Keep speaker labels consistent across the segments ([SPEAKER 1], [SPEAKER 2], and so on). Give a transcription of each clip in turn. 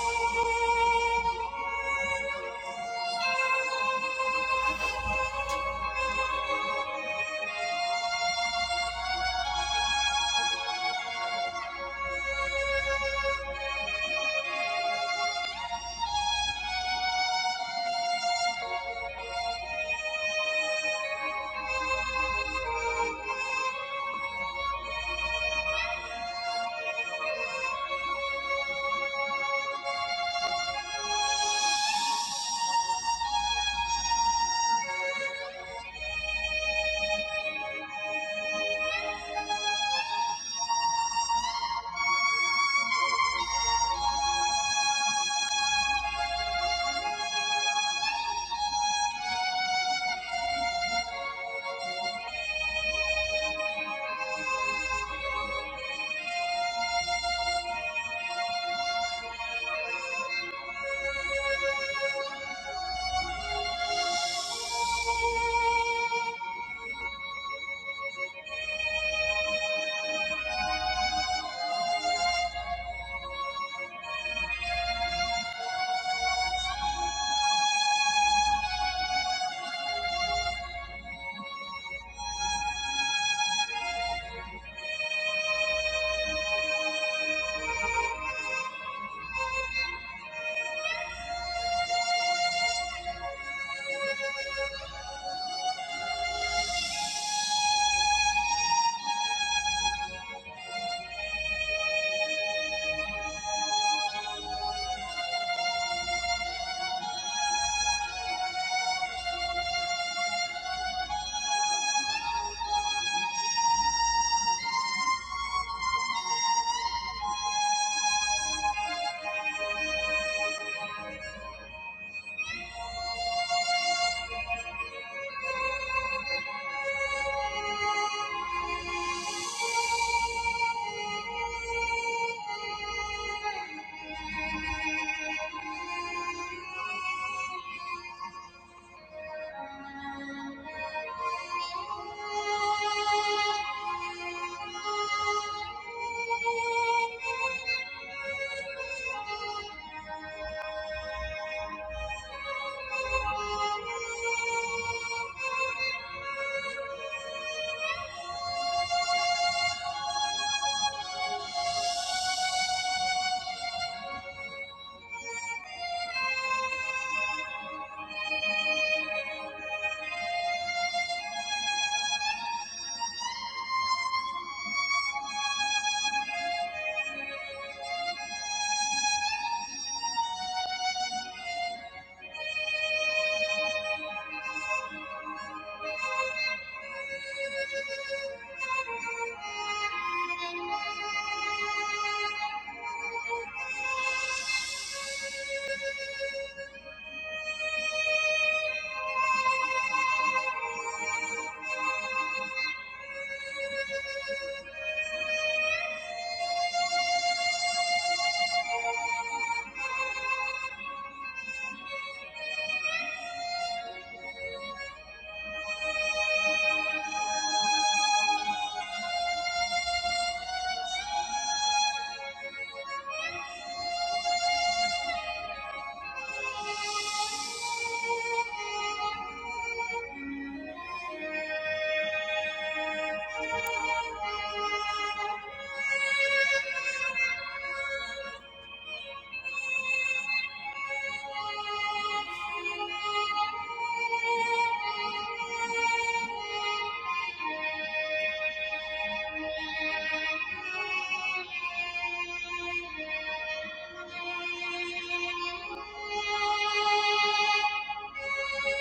[SPEAKER 1] Thank you. Thank you. Thank you.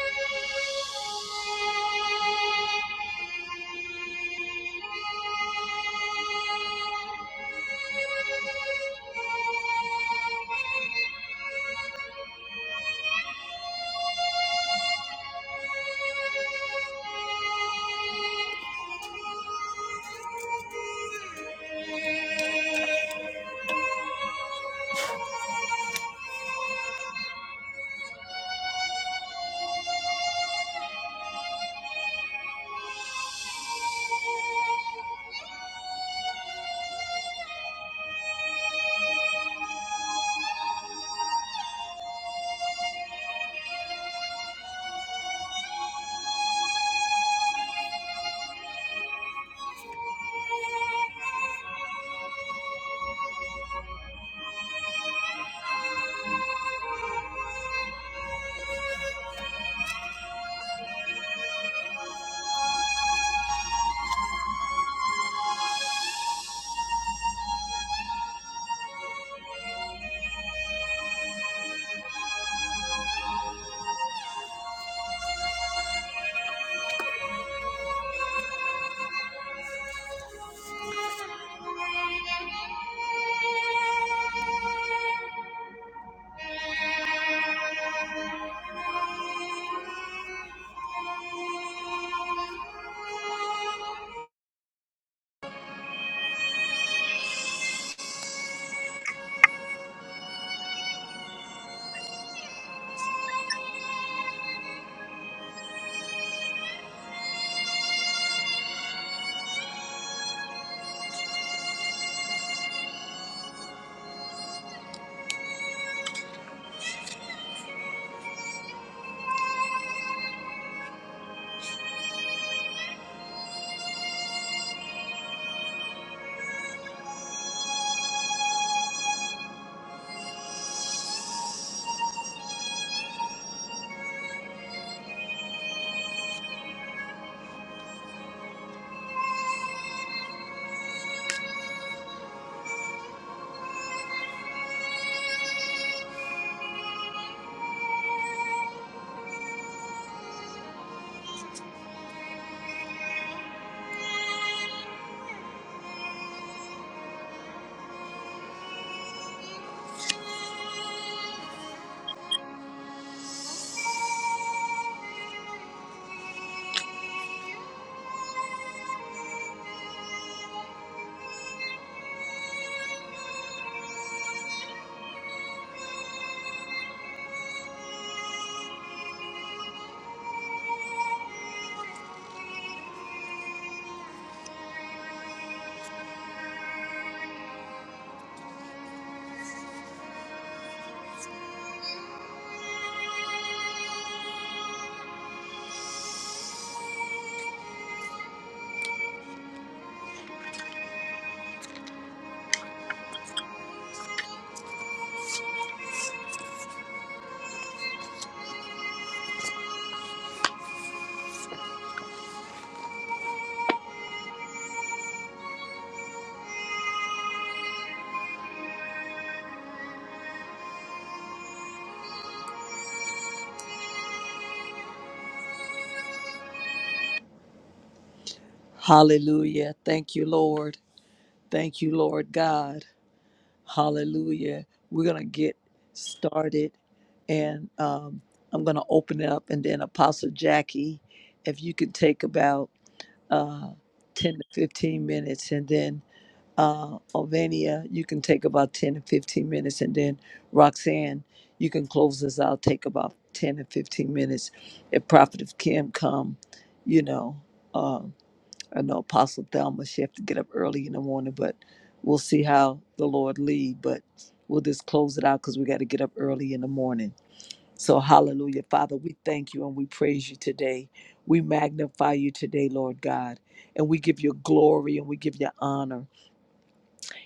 [SPEAKER 1] Hallelujah. Thank you, Lord. Thank you, Lord God. Hallelujah. We're going to get started and um, I'm going to open it up. And then, Apostle Jackie, if you could take about uh, 10 to 15 minutes, and then uh, Ovania, you can take about 10 to 15 minutes, and then Roxanne, you can close us out, take about 10 to 15 minutes. If Prophet of Kim come, you know. um, I know Apostle Thelma, she have to get up early in the morning, but we'll see how the Lord lead. But we'll just close it out because we got to get up early in the morning. So hallelujah. Father, we thank you and we praise you today. We magnify you today, Lord God. And we give you glory and we give you honor.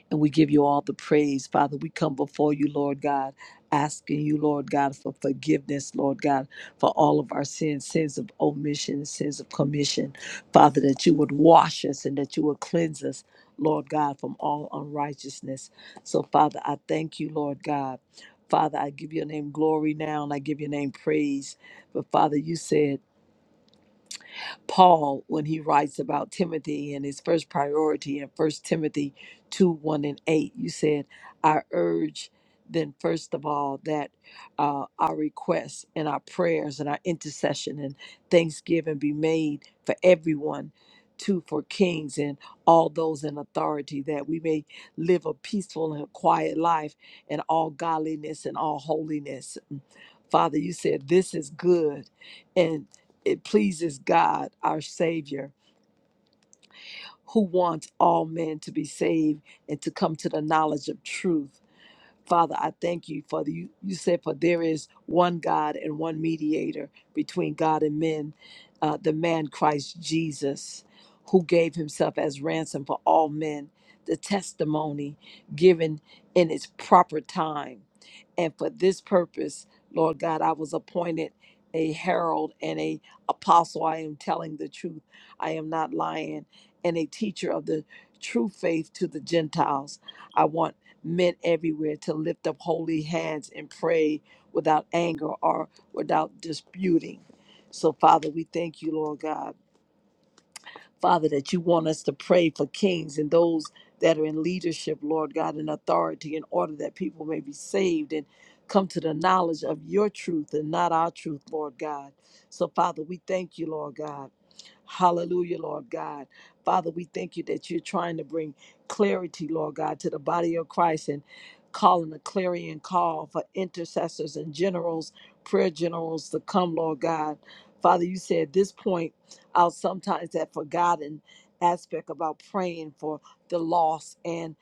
[SPEAKER 1] And we give you all the praise, Father. We come before you, Lord God, asking you, Lord God, for forgiveness, Lord God, for all of our sins, sins of omission, sins of commission. Father, that you would wash us and that you would cleanse us, Lord God, from all unrighteousness. So, Father, I thank you, Lord God. Father, I give your name glory now and I give your name praise. But, Father, you said, Paul when he writes about Timothy and his first priority in First Timothy 2 1 and 8. You said, I urge then, first of all, that uh, our requests and our prayers and our intercession and thanksgiving be made for everyone, too, for kings and all those in authority, that we may live a peaceful and quiet life in all godliness and all holiness. Mm. Father, you said this is good. and it pleases God, our Savior, who wants all men to be saved and to come to the knowledge of truth. Father, I thank you for the, you, you said, for there is one God and one mediator between God and men, uh, the man Christ Jesus, who gave himself as ransom for all men, the testimony given in its proper time. And for this purpose, Lord God, I was appointed a herald and a apostle. I am telling the truth. I am not lying. And a teacher of the true faith to the Gentiles. I want men everywhere to lift up holy hands and pray without anger or without disputing. So, Father, we thank you, Lord God. Father, that you want us to pray for kings and those that are in leadership, Lord God, in authority, in order that people may be saved and come to the knowledge of your truth and not our truth, Lord God. So, Father, we thank you, Lord God. Hallelujah, Lord God. Father, we thank you that you're trying to bring clarity, Lord God, to the body of Christ and calling a clarion call for intercessors and generals, prayer generals to come, Lord God. Father, you said at this point, I'll sometimes that forgotten aspect about praying for the lost and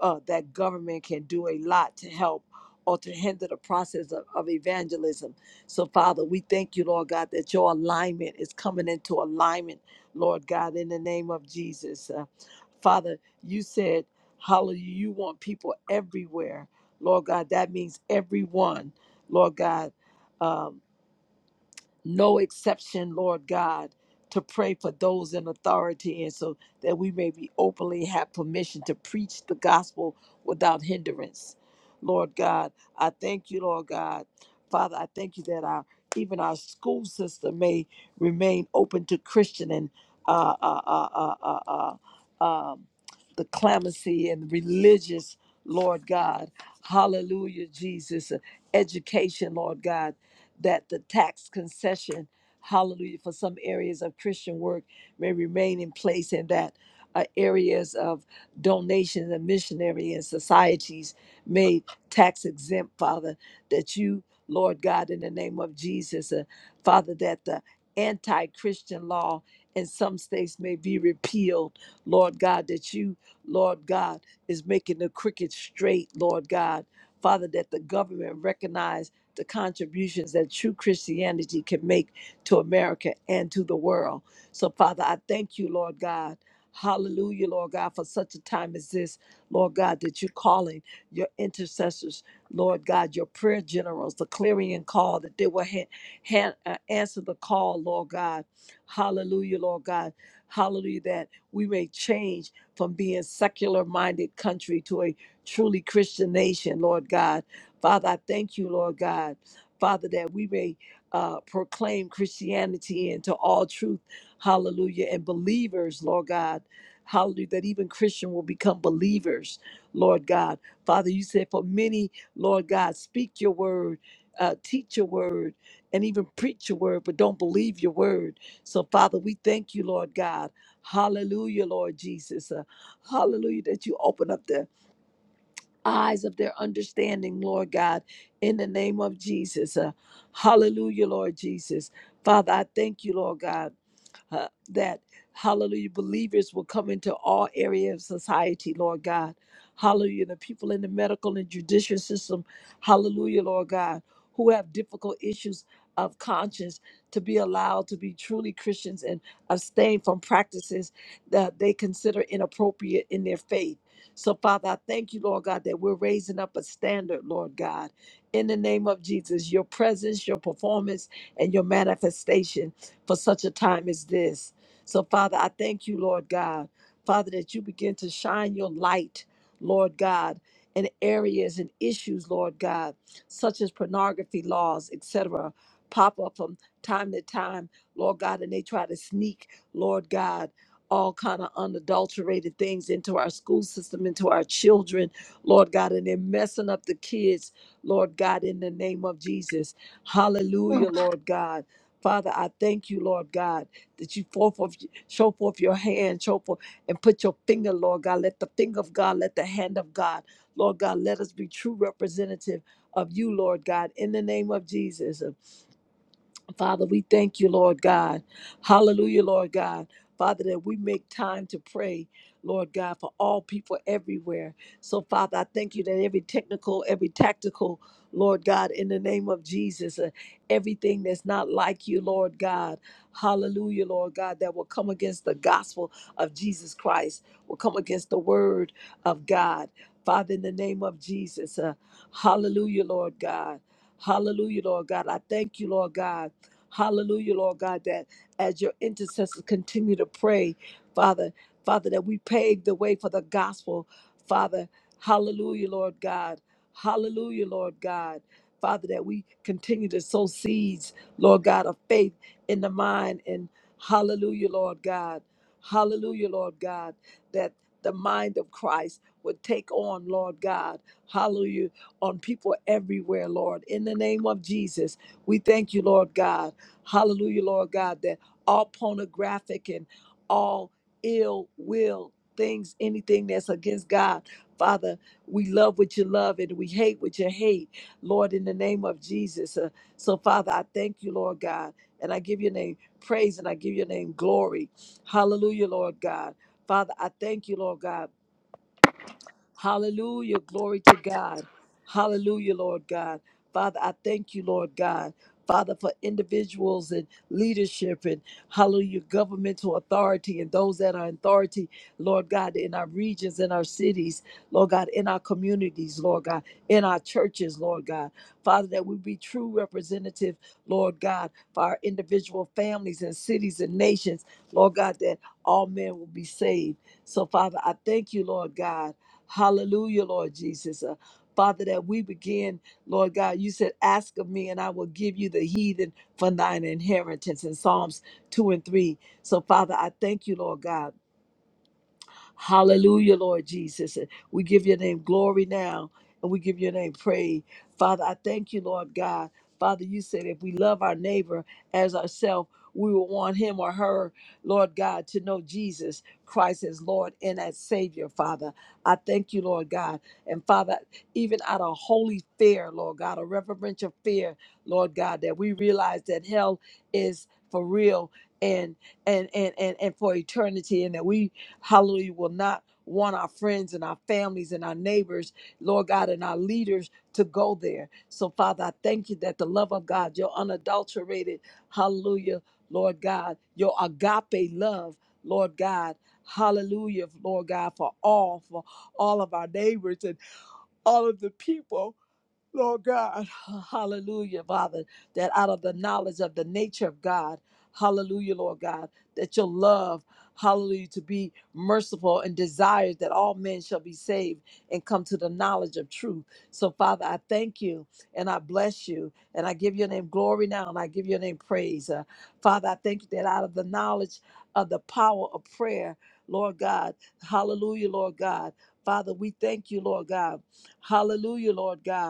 [SPEAKER 1] uh, that government can do a lot to help or to hinder the process of, of evangelism so, Father, we thank you, Lord God, that your alignment is coming into alignment, Lord God, in the name of Jesus. Uh, Father, you said, Hallelujah, you want people everywhere. Lord God, that means everyone, Lord God. um, no exception, Lord God, to pray for those in authority and so that we may be openly have permission to preach the gospel without hindrance. Lord God, I thank you, Lord God. Father, I thank you that our even our school system may remain open to Christian and uh, uh, uh, uh, uh, uh, um, the clemency and religious, Lord God. Hallelujah, Jesus. Education, Lord God that the tax concession, hallelujah, for some areas of Christian work may remain in place and that uh, areas of donations and missionary and societies made tax exempt, Father, that you, Lord God, in the name of Jesus, uh, Father, that the anti Christian law in some states may be repealed, Lord God, that you, Lord God, is making the crooked straight, Lord God. Father, that the government recognize the contributions that true Christianity can make to America and to the world. So, Father, I thank you, Lord God. Hallelujah, Lord God, for such a time as this, Lord God, that you're calling your intercessors, Lord God, your prayer generals, the clarion call that they will ha- ha- uh, answer the call, Lord God. Hallelujah, Lord God. Hallelujah, that we may change from being secular minded country to a truly Christian nation, Lord God. Father, I thank you, Lord God, Father, that we may uh, proclaim Christianity into all truth. Hallelujah. And believers, Lord God. Hallelujah. That even Christian will become believers, Lord God. Father, you said, for many, Lord God, speak your word, uh, teach your word, and even preach your word, but don't believe your word. So, Father, we thank you, Lord God. Hallelujah, Lord Jesus. Uh, hallelujah, that you open up the eyes of their understanding, Lord God, in the name of Jesus. Uh, hallelujah, Lord Jesus. Father, I thank you, Lord God uh, that hallelujah believers will come into all areas of society lord god hallelujah the people in the medical and judicial system hallelujah lord god who have difficult issues of conscience to be allowed to be truly christians and abstain from practices that they consider inappropriate in their faith so father i thank you lord god that we're raising up a standard lord god in the name of jesus your presence your performance and your manifestation for such a time as this. So, Father, I thank you, Lord God, Father, that you begin to shine your light, Lord God, in areas and issues, Lord God, such as pornography laws, etc., pop up from time to time, Lord God, and they try to sneak, Lord God. All kind of unadulterated things into our school system, into our children, Lord God, and they're messing up the kids, Lord God, in the name of Jesus. Hallelujah, Lord God. Father, I thank you, Lord God, that you forth of, show forth your hand, show forth, and put your finger, Lord God. Let the finger of God, let the hand of God, Lord God, let us be true representative of you, Lord God, in the name of Jesus. Father, we thank you, Lord God. Hallelujah, Lord God. Father, that we make time to pray, Lord God, for all people everywhere. So, Father, I thank you that every technical, every tactical, Lord God, in the name of Jesus, uh, everything that's not like you, Lord God, hallelujah, Lord God, that will come against the gospel of Jesus Christ, will come against the word of God. Father, in the name of Jesus, uh, hallelujah, Lord God. Hallelujah, Lord God. I thank you, Lord God. Hallelujah, Lord God, that as your intercessors continue to pray, Father, Father, that we pave the way for the gospel, Father. Hallelujah, Lord God. Hallelujah, Lord God. Father, that we continue to sow seeds, Lord God, of faith in the mind. And hallelujah, Lord God. Hallelujah, Lord God, that the mind of Christ would take on, Lord God. Hallelujah, on people everywhere, Lord. In the name of Jesus, we thank you, Lord God. Hallelujah, Lord God, that all pornographic and all ill will things, anything that's against God, Father, we love what you love and we hate what you hate, Lord, in the name of Jesus. Uh, so, Father, I thank you, Lord God, and I give your name praise and I give your name glory. Hallelujah, Lord God. Father, I thank you, Lord God. Hallelujah. Glory to God. Hallelujah, Lord God. Father, I thank you, Lord God. Father, for individuals and leadership and hallelujah, governmental authority and those that are in authority, Lord God, in our regions, in our cities, Lord God, in our communities, Lord God, in our churches, Lord God. Father, that we be true representative, Lord God, for our individual families and cities and nations, Lord God, that all men will be saved. So, Father, I thank you, Lord God. Hallelujah, Lord Jesus. Uh, Father, that we begin, Lord God, you said, Ask of me, and I will give you the heathen for thine inheritance in Psalms 2 and 3. So, Father, I thank you, Lord God. Hallelujah, Lord Jesus. We give your name glory now and we give your name praise. Father, I thank you, Lord God. Father, you said if we love our neighbor as ourselves, we will want him or her, Lord God, to know Jesus Christ as Lord and as Savior, Father. I thank you, Lord God. And Father, even out of holy fear, Lord God, a reverential fear, Lord God, that we realize that hell is for real and and and and, and for eternity and that we Hallelujah. Will not want our friends and our families and our neighbors, Lord God, and our leaders to go there. So, Father, I thank you that the love of God, your unadulterated, hallelujah, Lord God, your agape love, Lord God, hallelujah, Lord God, for all, for all of our neighbors and all of the people. Lord God, hallelujah, Father, that out of the knowledge of the nature of God, hallelujah, Lord God, that your love, hallelujah, to be merciful and desires that all men shall be saved and come to the knowledge of truth. So, Father, I thank you and I bless you and I give your name glory now and I give your name praise. Uh, Father, I thank you that out of the knowledge of the power of prayer, Lord God, hallelujah, Lord God. Father, we thank you, Lord God. Hallelujah, Lord God.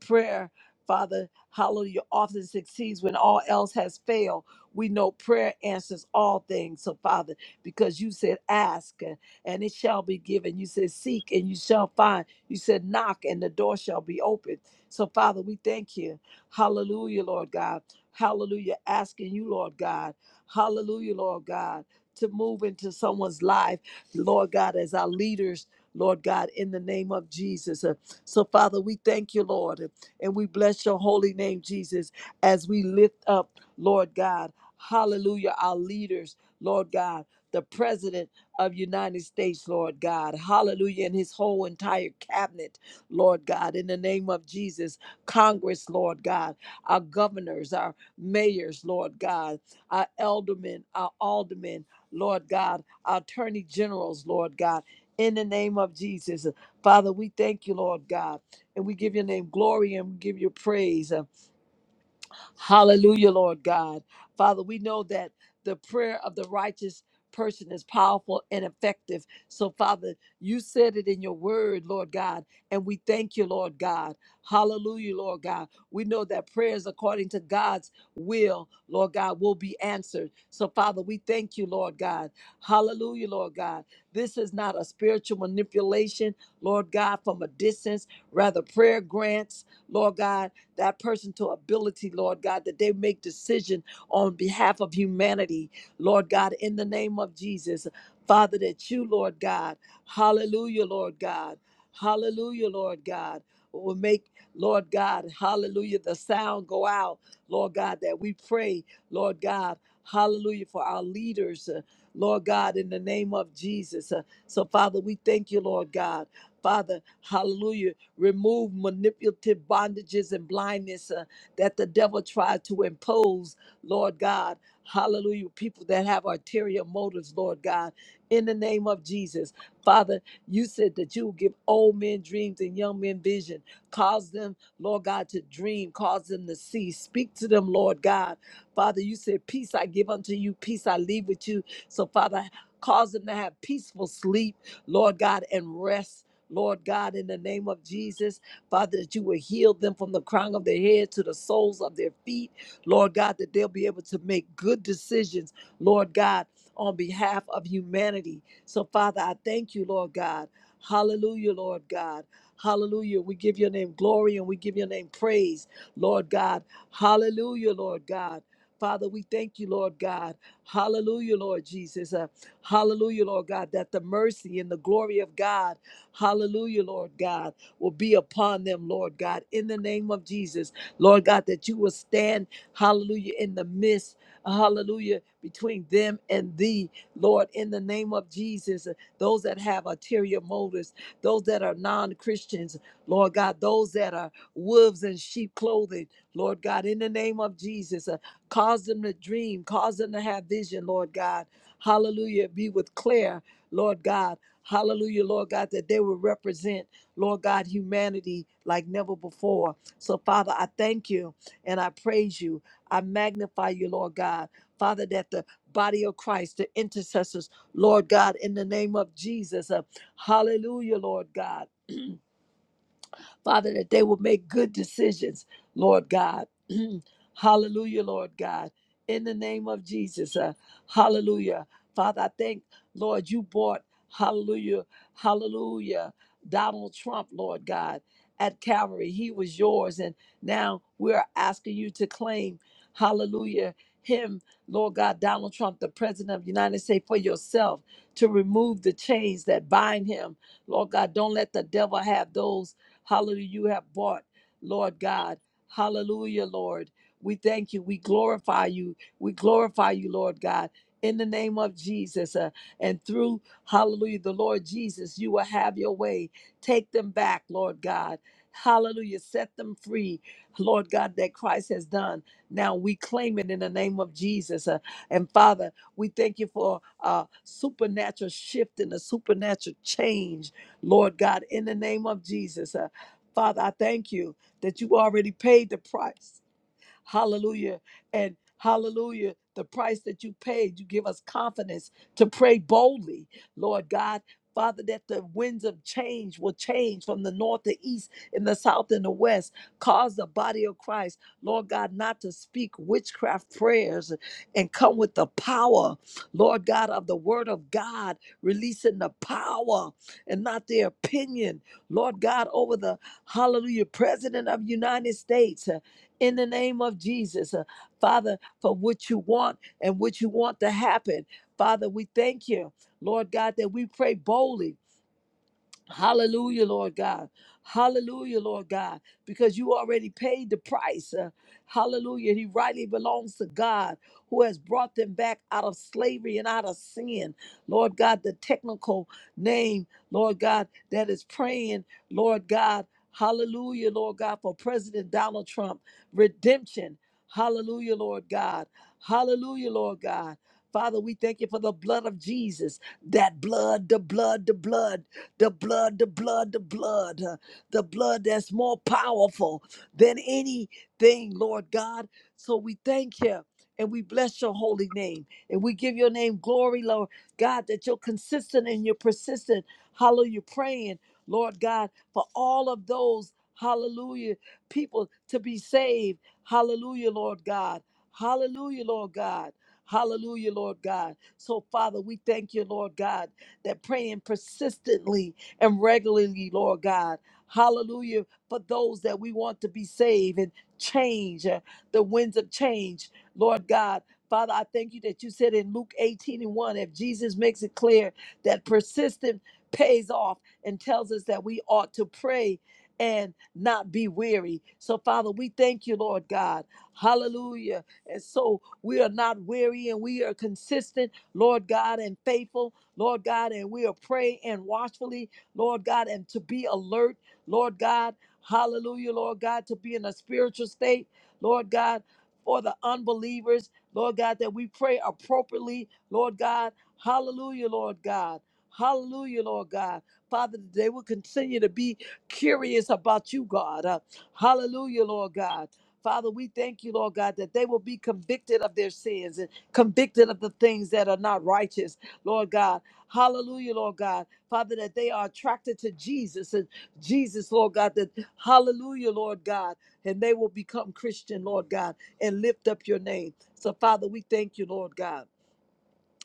[SPEAKER 1] Prayer, Father, hallelujah, often succeeds when all else has failed. We know prayer answers all things. So, Father, because you said, ask and and it shall be given. You said, seek and you shall find. You said, knock and the door shall be opened. So, Father, we thank you. Hallelujah, Lord God. Hallelujah. Asking you, Lord God. Hallelujah, Lord God, to move into someone's life, Lord God, as our leaders. Lord God, in the name of Jesus. Uh, So, Father, we thank you, Lord. And we bless your holy name, Jesus, as we lift up, Lord God, hallelujah, our leaders, Lord God, the president of United States, Lord God, hallelujah, and his whole entire cabinet, Lord God, in the name of Jesus, Congress, Lord God, our governors, our mayors, Lord God, our eldermen, our aldermen, Lord God, our attorney generals, Lord God, in the name of Jesus. Father, we thank you, Lord God and we give your name glory and we give you praise. Hallelujah, Lord God. Father, we know that the prayer of the righteous person is powerful and effective. So, Father, you said it in your word, Lord God, and we thank you, Lord God. Hallelujah, Lord God. We know that prayers according to God's will, Lord God, will be answered. So, Father, we thank you, Lord God. Hallelujah, Lord God. This is not a spiritual manipulation, Lord God, from a distance, rather, prayer grants, Lord God that person to ability, Lord God, that they make decision on behalf of humanity, Lord God, in the name of Jesus. Father, that you, Lord God, hallelujah, Lord God, hallelujah, Lord God, will make, Lord God, hallelujah, the sound go out, Lord God, that we pray, Lord God, hallelujah, for our leaders, uh, Lord God, in the name of Jesus. Uh, So, Father, we thank you, Lord God. Father, hallelujah remove manipulative bondages and blindness uh, that the devil tried to impose, Lord God. Hallelujah. People that have ulterior motives, Lord God, in the name of Jesus. Father, you said that you give old men dreams and young men vision. Cause them, Lord God, to dream, cause them to see. Speak to them, Lord God. Father, you said, Peace I give unto you, peace I leave with you. So, Father, cause them to have peaceful sleep, Lord God, and rest. Lord God, in the name of Jesus, Father, that you will heal them from the crown of their head to the soles of their feet. Lord God, that they'll be able to make good decisions, Lord God, on behalf of humanity. So, Father, I thank you, Lord God. Hallelujah, Lord God. Hallelujah. We give your name glory and we give your name praise, Lord God. Hallelujah, Lord God. Father, we thank you, Lord God. Hallelujah, Lord Jesus. Uh, hallelujah, Lord God, that the mercy and the glory of God Hallelujah, Lord God, will be upon them, Lord God, in the name of Jesus. Lord God, that you will stand, hallelujah, in the midst, hallelujah, between them and thee, Lord, in the name of Jesus. Those that have ulterior motives, those that are non Christians, Lord God, those that are wolves in sheep clothing, Lord God, in the name of Jesus, uh, cause them to dream, cause them to have vision, Lord God. Hallelujah. Be with Claire, Lord God. Hallelujah, Lord God, that they will represent, Lord God, humanity like never before. So, Father, I thank you and I praise you. I magnify you, Lord God. Father, that the body of Christ, the intercessors, Lord God, in the name of Jesus. uh, hallelujah, Lord God. Father, that they will make good decisions, Lord God. hallelujah, Lord God. In the name of Jesus, uh, hallelujah. Father, I thank, Lord, you brought, hallelujah, hallelujah, Donald Trump, Lord God, at Calvary. He was yours, and now we're asking you to claim, hallelujah, him, Lord God, Donald Trump, the President of the United States, for yourself to remove the chains that bind him. Lord God, don't let the devil have those Hallelujah. You have bought, Lord God. Hallelujah, Lord. We thank you. We glorify you. We glorify you, Lord God. In the name of Jesus uh, and through, hallelujah, the Lord Jesus, you will have your way. Take them back, Lord God. Hallelujah. Set them free, Lord God, that Christ has done. Now we claim it in the name of Jesus. uh, and Father, we thank you for a supernatural shift and a supernatural change, Lord God, in the name of Jesus. Uh, Father, I thank you that you already paid the price. Hallelujah. And hallelujah, the price that you paid, you give us confidence to pray boldly, Lord God. Father, that the winds of change will change from the north to east, in the south and the west. Cause the body of Christ, Lord God, not to speak witchcraft prayers and come with the power, Lord God, of the word of God, releasing the power and not their opinion, Lord God, over the hallelujah president of the United States in the name of Jesus. Uh, Father, for what you want and what you want to happen. Father, we thank you, Lord God, that we pray boldly Hallelujah, Lord God. Hallelujah, Lord God, because you already paid the price. Uh, hallelujah. he rightly belongs to God who has brought them back out of slavery and out of sin. Lord God, the technical name, Lord God, that is praying, Lord God. Hallelujah, Lord God, for President Donald Trump. Redemption. Hallelujah, Lord God. Hallelujah, Lord God. Father, we thank you for the blood of Jesus. That blood, the blood, the blood. The blood, the blood, the blood, uh, the blood that's more powerful than anything, Lord God. So we thank you and we bless your holy name and we give your name glory, Lord God, that you're consistent and you're persistent. Hallelujah. Praying, Lord God, for all of those, hallelujah, people to be saved. Hallelujah, Lord God. Hallelujah, Lord God. Hallelujah, Lord God. So, Father, we thank you, Lord God that praying persistently and regularly, Lord God. Hallelujah. For those that we want to be saved and change, uh, the winds of change, Lord God. Father, I thank you that you said in Luke 18 and 1, if Jesus makes it clear that persistent pays off and tells us that we ought to pray and not be weary. So, Father, we thank you, Lord God. Hallelujah. And so we are not weary and we are consistent, Lord God, and faithful Lord God, and we'll pray and watchfully, Lord God, and to be alert, Lord God, hallelujah, Lord God, to be in a spiritual state, Lord God, for the unbelievers, Lord God, that we pray appropriately, Lord God, hallelujah, Lord God. Hallelujah, Lord God. Father, that they will continue to be curious about you, God. Uh, hallelujah, Lord God. Father, we thank you, Lord God, that they will be convicted of their sins and convicted of the things that are not righteous, Lord God. Hallelujah, Lord God. Father, that they are attracted to Jesus and Jesus, Lord God, that hallelujah, Lord God, and they will become Christian, Lord God, and lift up your name. So, Father, we thank you, Lord God.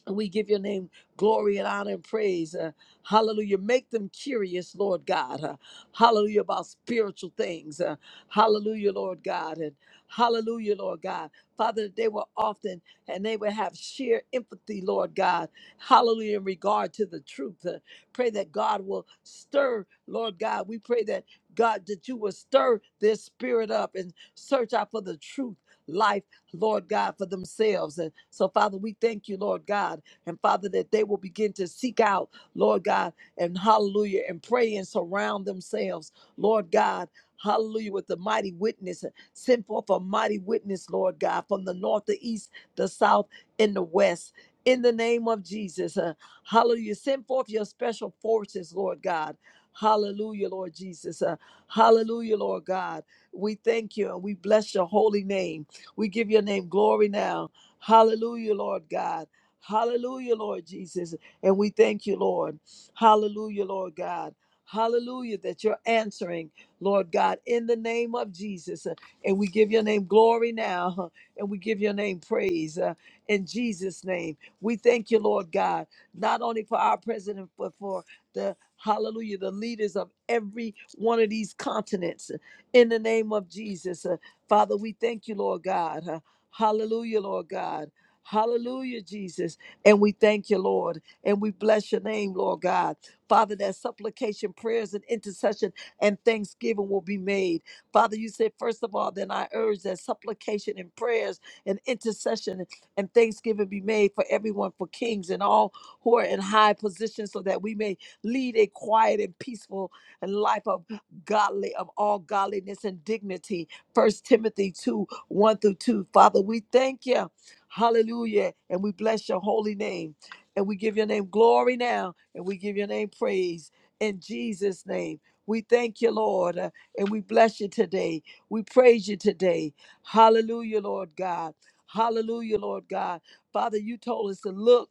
[SPEAKER 1] And We give your name glory and honor and praise. Uh, hallelujah. Make them curious, Lord God. Uh, hallelujah about spiritual things. Uh, hallelujah, Lord God. And hallelujah, Lord God. Father, that they were often and they would have sheer empathy, Lord God. Hallelujah, in regard to the truth. Uh, pray that God will stir, Lord God. We pray that God, that you will stir their spirit up and search out for the truth, life, Lord God, for themselves. And so, Father, we thank you, Lord God. And Father, that they will begin to seek out, Lord God, and hallelujah, and pray and surround themselves, Lord God. Hallelujah, with the mighty witness. Send forth a mighty witness, Lord God, from the north, the east, the south, and the west. In the name of Jesus. Uh, hallelujah. Send forth your special forces, Lord God. Hallelujah, Lord Jesus. Uh, hallelujah, Lord God. We thank you and we bless your holy name. We give your name glory now. Hallelujah, Lord God. Hallelujah, Lord Jesus. And we thank you, Lord. Hallelujah, Lord God. Hallelujah, that you're answering, Lord God, in the name of Jesus. Uh, And we give your name glory now, huh, and we give your name praise uh, in Jesus' name. We thank you, Lord God, not only for our president, but for the hallelujah, the leaders of every one of these continents uh, in the name of Jesus. Uh, Father, we thank you, Lord God. huh? Hallelujah, Lord God. Hallelujah, Jesus. And we thank you, Lord. And we bless your name, Lord God. Father, that supplication, prayers, and intercession and thanksgiving will be made. Father, you said, first of all, then I urge that supplication and prayers and intercession and thanksgiving be made for everyone, for kings and all who are in high positions, so that we may lead a quiet and peaceful life of godly, of all godliness and dignity. First Timothy 2 1 through 2. Father, we thank you. Hallelujah. And we bless your holy name. And we give your name glory now. And we give your name praise in Jesus' name. We thank you, Lord. uh, And we bless you today. We praise you today. Hallelujah, Lord God. Hallelujah, Lord God. Father, you told us to look.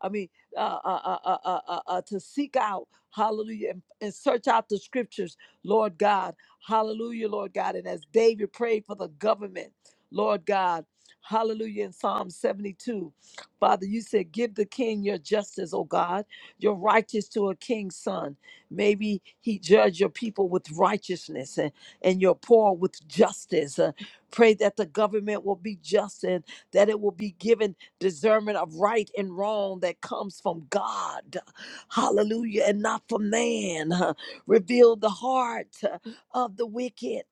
[SPEAKER 1] I mean, uh, uh, uh, uh, uh, uh, uh, to seek out, hallelujah, and, and search out the scriptures, Lord God. Hallelujah, Lord God. And as David prayed for the government, Lord God, hallelujah, in Psalm 72, Father, you said, Give the king your justice, O God, your righteous to a king's son. Maybe he judge your people with righteousness and, and your poor with justice. Uh, pray that the government will be just and that it will be given discernment of right and wrong that comes from God. Hallelujah, and not from man. Uh, Reveal the heart of the wicked.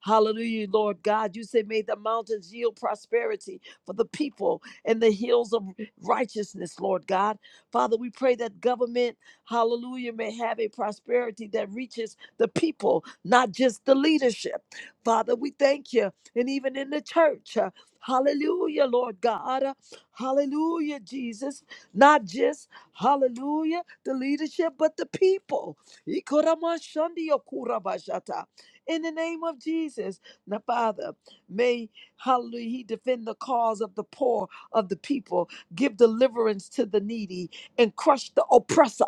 [SPEAKER 1] Hallelujah, Lord God. You say, May the mountains yield prosperity for the people and the hills of righteousness, Lord God. Father, we pray that government, hallelujah, may have a prosperity that reaches the people, not just the leadership. Father, we thank you. And even in the church, uh, hallelujah, Lord God. uh, Hallelujah, Jesus. Not just, hallelujah, the leadership, but the people. Ikoramashandiyokurabashata. In the name of Jesus, now Father, may hallelujah He defend the cause of the poor of the people, give deliverance to the needy, and crush the oppressor.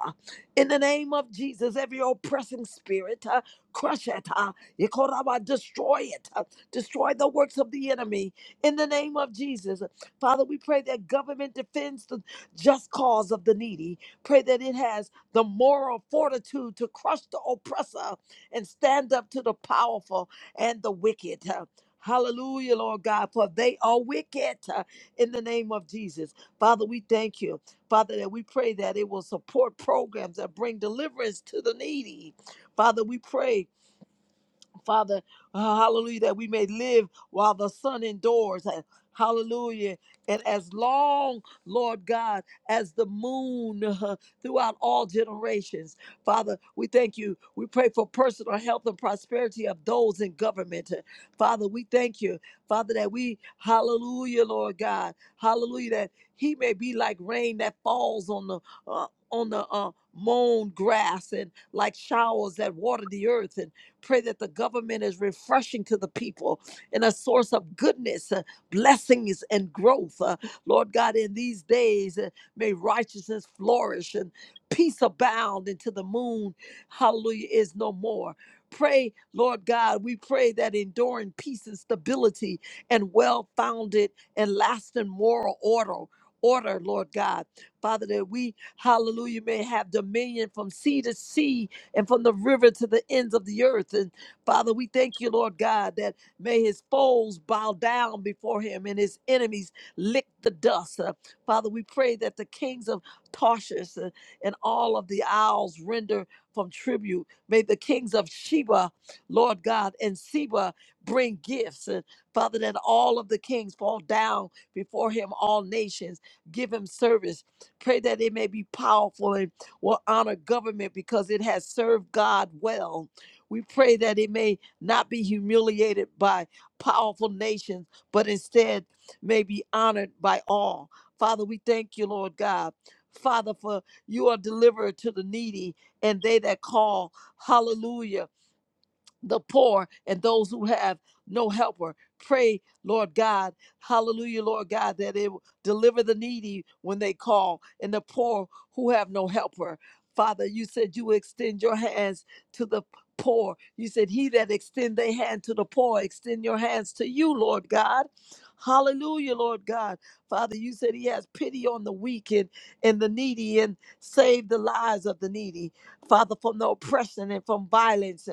[SPEAKER 1] In the name of Jesus, every oppressing spirit, uh, crush it, uh, Ikoraba, destroy it, uh, destroy the works of the enemy. In the name of Jesus, Father, we pray that government defends the just cause of the needy. Pray that it has the moral fortitude to crush the oppressor and stand up to the powerful and the wicked. Uh, Hallelujah, Lord God, for they are wicked uh, in the name of Jesus. Father, we thank you, Father, that we pray that it will support programs that bring deliverance to the needy. Father, we pray Father, uh, hallelujah, that we may live while the sun endures. and Hallelujah. And as long, Lord God, as the moon uh, throughout all generations. Father, we thank you. We pray for personal health and prosperity of those in government. Uh, Father, we thank you. Father, that we, hallelujah, Lord God, hallelujah, that he may be like rain that falls on the, uh, on the, uh, mown grass and like showers that water the earth. And Pray that the government is refreshing to the people and a source of goodness, uh, blessings, and growth. Uh, Lord God, in these days, uh, may righteousness flourish and peace abound until the moon, hallelujah, is no more. Pray, Lord God, we pray that enduring peace and stability and well founded and lasting moral order. Order, Lord God. Father, that we, hallelujah, may have dominion from sea to sea and from the river to the ends of the earth. And Father, we thank you, Lord God, that may his foes bow down before him and his enemies lick the dust. Uh, Father, we pray that the kings of Tarshish uh, and all of the isles render from tribute. May the kings of Sheba, Lord God, and Seba bring gifts. And Father, that all of the kings fall down before him, all nations give him service. Pray that it may be powerful and will honor government because it has served God well. We pray that it may not be humiliated by powerful nations, but instead may be honored by all. Father, we thank you, Lord God. Father, for you are deliverer to the needy and they that call. Hallelujah the poor and those who have no helper. Pray, Lord God, hallelujah, Lord God, that it will deliver the needy when they call and the poor who have no helper. Father, you said you extend your hands to the poor. You said, He that extend their hand to the poor, extend your hands to you, Lord God. Hallelujah, Lord God. Father, you said He has pity on the weak and, and the needy and save the lives of the needy. Father, from the oppression and from violence.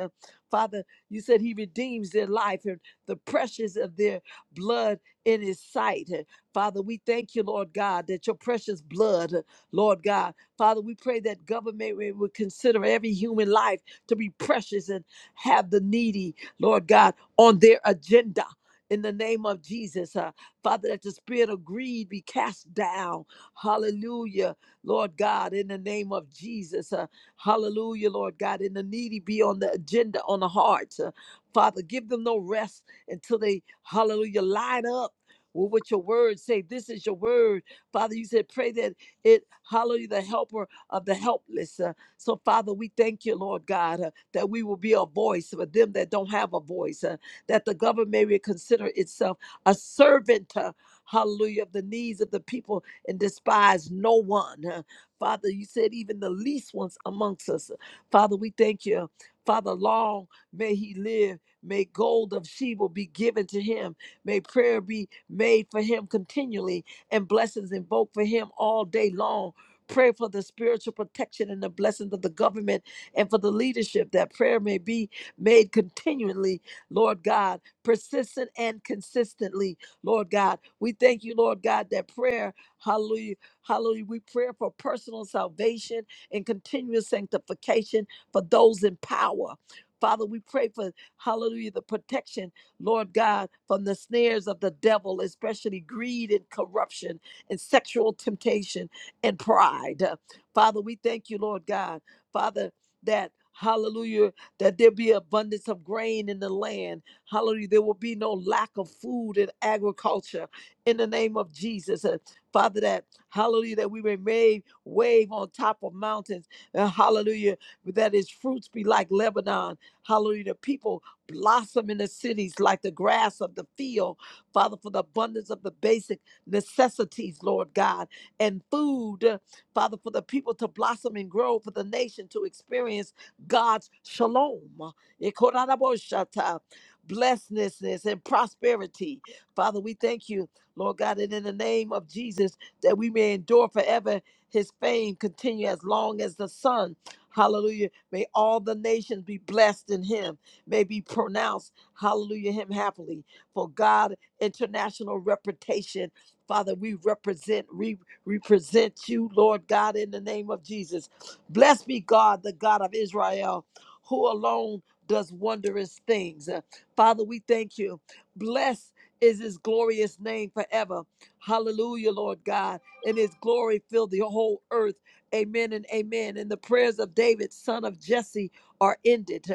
[SPEAKER 1] Father, you said he redeems their life and the precious of their blood in his sight. And Father, we thank you, Lord God, that your precious blood, uh, Lord God, Father, we pray that government will will consider every human life to be precious and have the needy, Lord God, on their agenda. In the name of Jesus, uh, Father, that the spirit of greed be cast down. Hallelujah, Lord God, in the name of Jesus. uh, Hallelujah, Lord God. And the needy be on the agenda, on the heart. Uh, Father, give them no rest until they, hallelujah, line up with what your word say. This is your word. Father, you said, pray that it, hallelujah, the helper of the helpless. Uh, so, Father, we thank you, Lord God, uh, that we will be a voice for them that don't have a voice, uh, that the government may consider itself a servant. uh, Hallelujah, of the needs of the people and despise no one. uh, Father, you said even the least ones amongst us. Father, we thank you. Father, long may he live. May gold of Sheba be given to him. May prayer be made for him continually and blessings invoked for him all day long. Pray for the spiritual protection and the blessings of the government and for the leadership that prayer may be made continually, Lord God, persistent and consistently, Lord God. We thank you, Lord God, that prayer, hallelujah. Hallelujah. We pray for personal salvation and continuous sanctification for those in power. Father, we pray for, hallelujah, the protection, Lord God, from the snares of the devil, especially greed and corruption and sexual temptation and pride. Uh, Father, we thank you, Lord God. Father, that, hallelujah, that there be abundance of grain in the land. Hallelujah. There will be no lack of food and agriculture in the name of Jesus. Uh, Father, that Hallelujah, that we may wave, wave on top of mountains. Uh, hallelujah, that its fruits be like Lebanon. Hallelujah, the people blossom in the cities like the grass of the field. Father, for the abundance of the basic necessities, Lord God, and food. uh, Father, for the people to blossom and grow, for the nation to experience God's shalom. Ikoranaboshata, Blessedness and prosperity. Father, we thank you, Lord God, and in the name of Jesus that we may endure forever. His fame continue as long as the sun. Hallelujah. May all the nations be blessed in him. May be pronounced, hallelujah, him happily. For God, international reputation. Father, we represent, we represent you, Lord God, in the name of Jesus. Blessed be God, the God of Israel, who alone does wondrous things. Uh, Father, we thank you. Blessed is his glorious name forever. Hallelujah, Lord God. And his glory fill the whole earth. Amen and amen. And the prayers of David, son of Jesse, are ended.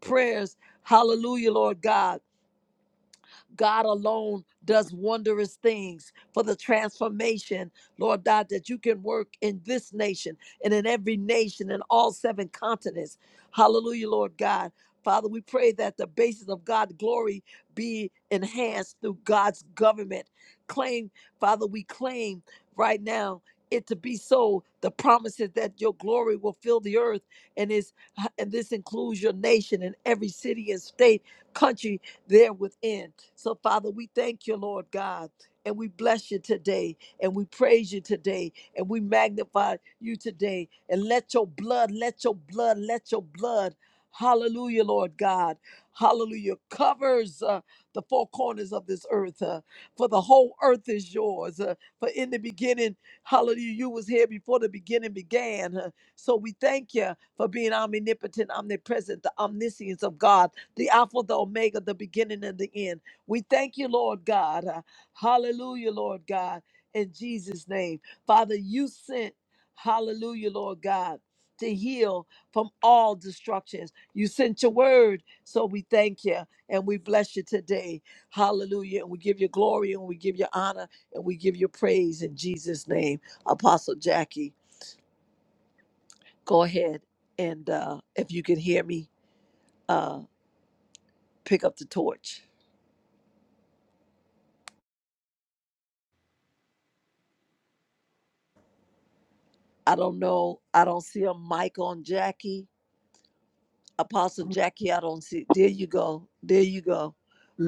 [SPEAKER 1] Prayers, hallelujah, Lord God. God alone does wondrous things for the transformation, Lord God, that you can work in this nation and in every nation in all seven continents. Hallelujah, Lord God. Father, we pray that the basis of God's glory be enhanced through God's government. Claim, Father, we claim right now it to be so. The promises that your glory will fill the earth and is and this includes your nation and every city and state, country there within. So, Father, we thank you, Lord God. And we bless you today, and we praise you today, and we magnify you today. And let your blood, let your blood, let your blood, hallelujah, Lord God, hallelujah, covers uh, the four corners of this earth. uh, for the whole earth is yours. uh, for in the beginning, hallelujah, you was here before the beginning began. uh, so we thank you for being omnipotent, omnipresent, the omniscience of God the Alpha, the Omega, the beginning and the end. We thank you, Lord God. Uh, Hallelujah, Lord God, in Jesus' name. Father, you sent, hallelujah, Lord God, to heal from all destructions. You sent your word, so we thank you and we bless you today. Hallelujah. And we give you glory and we give you honor and we give you praise in Jesus' name. Apostle Jackie, go ahead and uh, if you can hear me, uh, pick up the torch. I don't know. I don't see a mic on Jackie. Apostle Jackie, I don't see. There you go. There you go.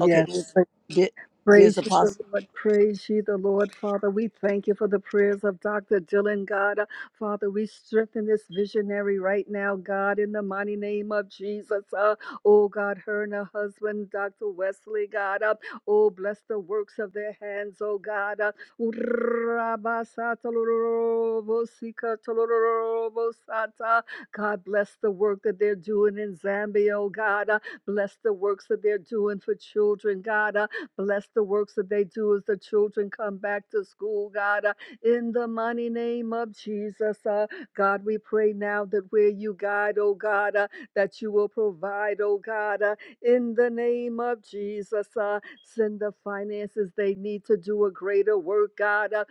[SPEAKER 1] Okay, there's, there, there's
[SPEAKER 2] Praise you, the
[SPEAKER 1] Apostle.
[SPEAKER 2] Lord. Praise you, the Lord. Father, we thank you for the prayers of Dr. Dylan, God. Uh, Father, we strengthen this visionary right now, God, in the mighty name of Jesus. Uh, oh, God, her and her husband, Dr. Wesley, God. Uh, oh, bless the works of their hands, oh, God. Uh, God, bless the work that they're doing in Zambia, oh, God. Uh, bless the works that they're doing for children, God. Uh, Bless the works that they do as the children come back to school, God, uh, in the mighty name of Jesus. Uh, God, we pray now that where you guide, oh God, uh, that you will provide, oh God, uh, in the name of Jesus. Uh, send the finances they need to do a greater work, God. Uh,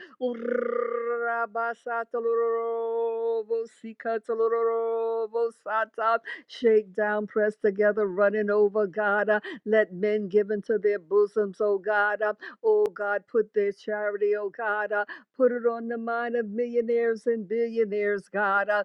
[SPEAKER 2] Shake down, press together, running over, God. Uh, let men give into their bosoms, O God. Uh, oh God, put their charity, O God. Uh, put it on the mind of millionaires and billionaires, God. Uh,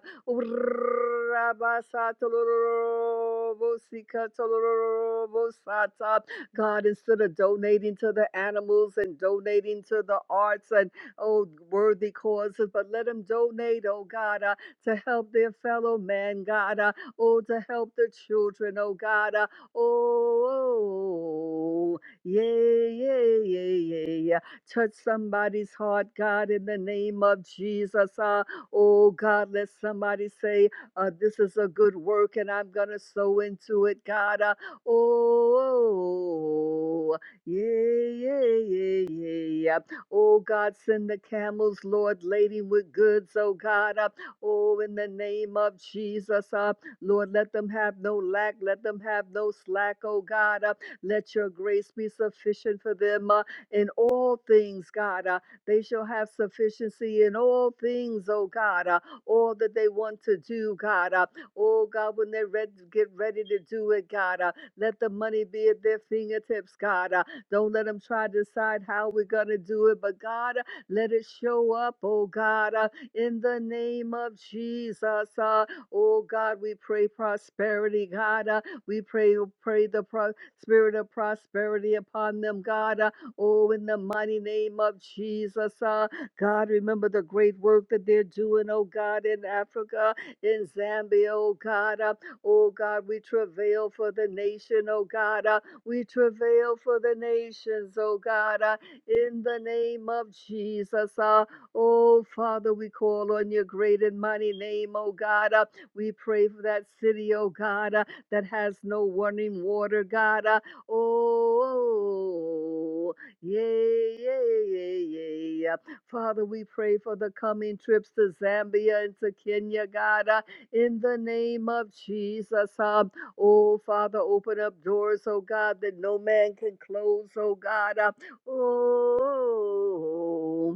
[SPEAKER 2] God, instead of donating to the animals and donating to the arts and oh worthy causes, but let them donate, oh God, uh, to help their fellow man, God, uh, oh to help the children, oh God. uh, Oh, yeah, yeah, yeah, yeah, yeah. Touch somebody's heart, God, in the name of Jesus. Uh, oh, God, let somebody say, uh, This is a good work, and I'm going to sow into it, God. Uh, oh, yeah, yeah, yeah, yeah, yeah. Oh, God, send the camels, Lord, laden with goods, oh, God. Uh, oh, in the name of Jesus. Uh, Lord, let them have no lack. Let them have no slack, oh God. Uh, let your grace be sufficient for them uh, in all things, God. Uh, they shall have sufficiency in all things, oh God. Uh, all that they want to do, God. Uh, oh God, when they red get ready to do it, God, uh, let the money be at their fingertips, God. Uh, don't let them try to decide how we're going to do it, but God, uh, let it show up, oh God, uh, in the name of Jesus. Uh, Oh God, we pray prosperity, God. Uh, we pray, oh, pray the pro- spirit of prosperity upon them, God. Uh, oh, in the mighty name of Jesus, uh, God, remember the great work that they're doing, oh God, in Africa, in Zambia, oh God. Uh, oh God, we travail for the nation, oh God. Uh, we travail for the nations, oh God, uh, in the name of Jesus. Uh, oh Father, we call on your great and mighty name, oh God. Uh, we pray for that city, oh God, uh, that has no running water, God. uh, Oh, yeah, yeah, yeah, yeah. Father, we pray for the coming trips to Zambia and to Kenya, God, uh, in the name of Jesus. Um, oh, Father, open up doors, oh God, that no man can close, oh God. uh, oh.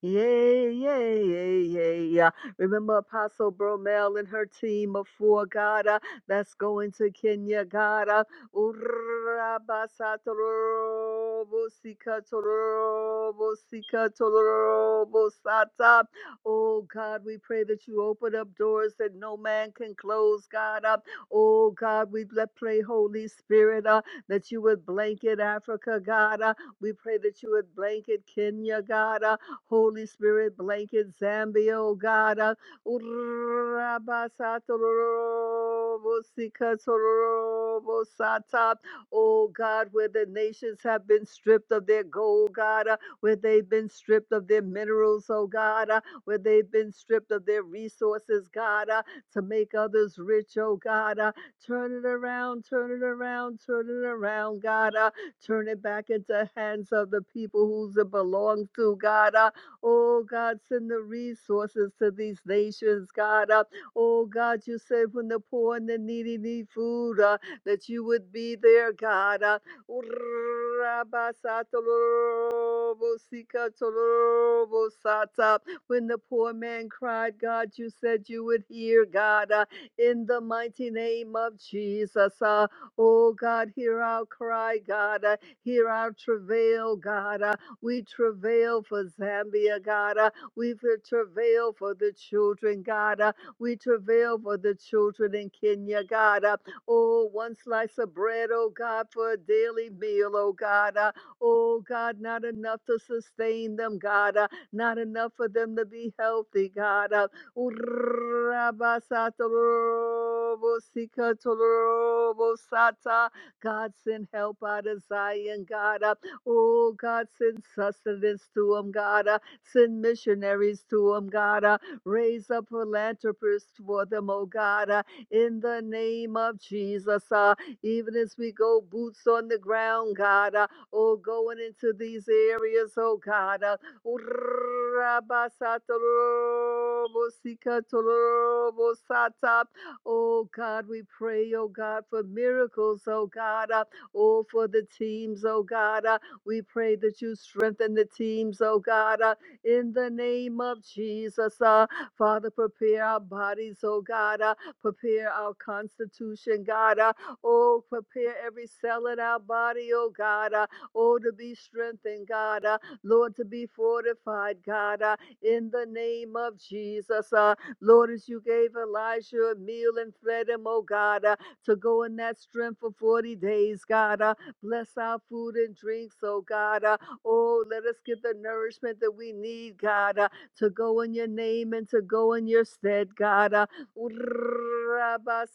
[SPEAKER 2] Yeah yeah yeah yeah yeah. Remember Apostle Bromel and her team of four, God, uh, that's going to Kenya, God. uh, Urabasatorobosikatorobosikatorobosata. Oh, God, we pray that you open up doors that no man can close, God. uh, Oh, God, we let pray, Holy Spirit, uh, that you would blanket Africa, God. uh, We pray that you would blanket Kenya, God. uh, Holy Spirit blanket Zambia, oh God. Uh, Oh God, where the nations have been stripped of their gold, God, uh, where they've been stripped of their minerals, oh God, uh, where they've been stripped of their resources, God, uh, to make others rich, oh God. uh, turn it around, turn it around, turn it around, God. uh, turn it back into hands of the people who it belongs to, God. uh, Oh God, send the resources to these nations, God. Uh, oh God, you said when the poor and the needy need food, uh, that you would be there, God. Uh, when the poor man cried, God, you said you would hear, God, uh, in the mighty name of Jesus. Uh, oh God, hear our cry, God. Uh, hear our travail, God. Uh, we travail for Zambia, God. Uh, we travail for the children, God. Uh, we travail for the children in Kenya, God. Uh, oh, one slice of bread, oh God, for a daily meal, oh God. Uh, oh God, not enough to sustain them, God. Uh, not enough for them to be healthy, God. Uh, God, send help out of Zion, God. Uh, Oh, God, send sustenance to them, God. Uh, send missionaries to them, God. Uh, raise up philanthropists for them, oh, God. Uh, in the name of Jesus, uh, even as we go boots on the ground, God. Uh, oh, going into these areas, oh, God. Uh, Oh God, we pray, oh God, for miracles, oh God, uh, oh for the teams, oh God. Uh, we pray that you strengthen the teams, oh God, uh, in the name of Jesus. Uh, Father, prepare our bodies, oh God. Uh, prepare our constitution, God. Uh, oh, prepare every cell in our body, oh God. Uh, oh, to be strengthened, God. Uh, Lord, to be fortified, God. Uh, in the name of Jesus. Uh, Lord, as you gave Elijah a meal and fed him, oh God, uh, to go in that strength for 40 days, God. Uh, Bless our food and drinks, oh God. Uh, oh, let us get the nourishment that we need, God, uh, to go in your name and to go in your stead, God. Uh, Oh,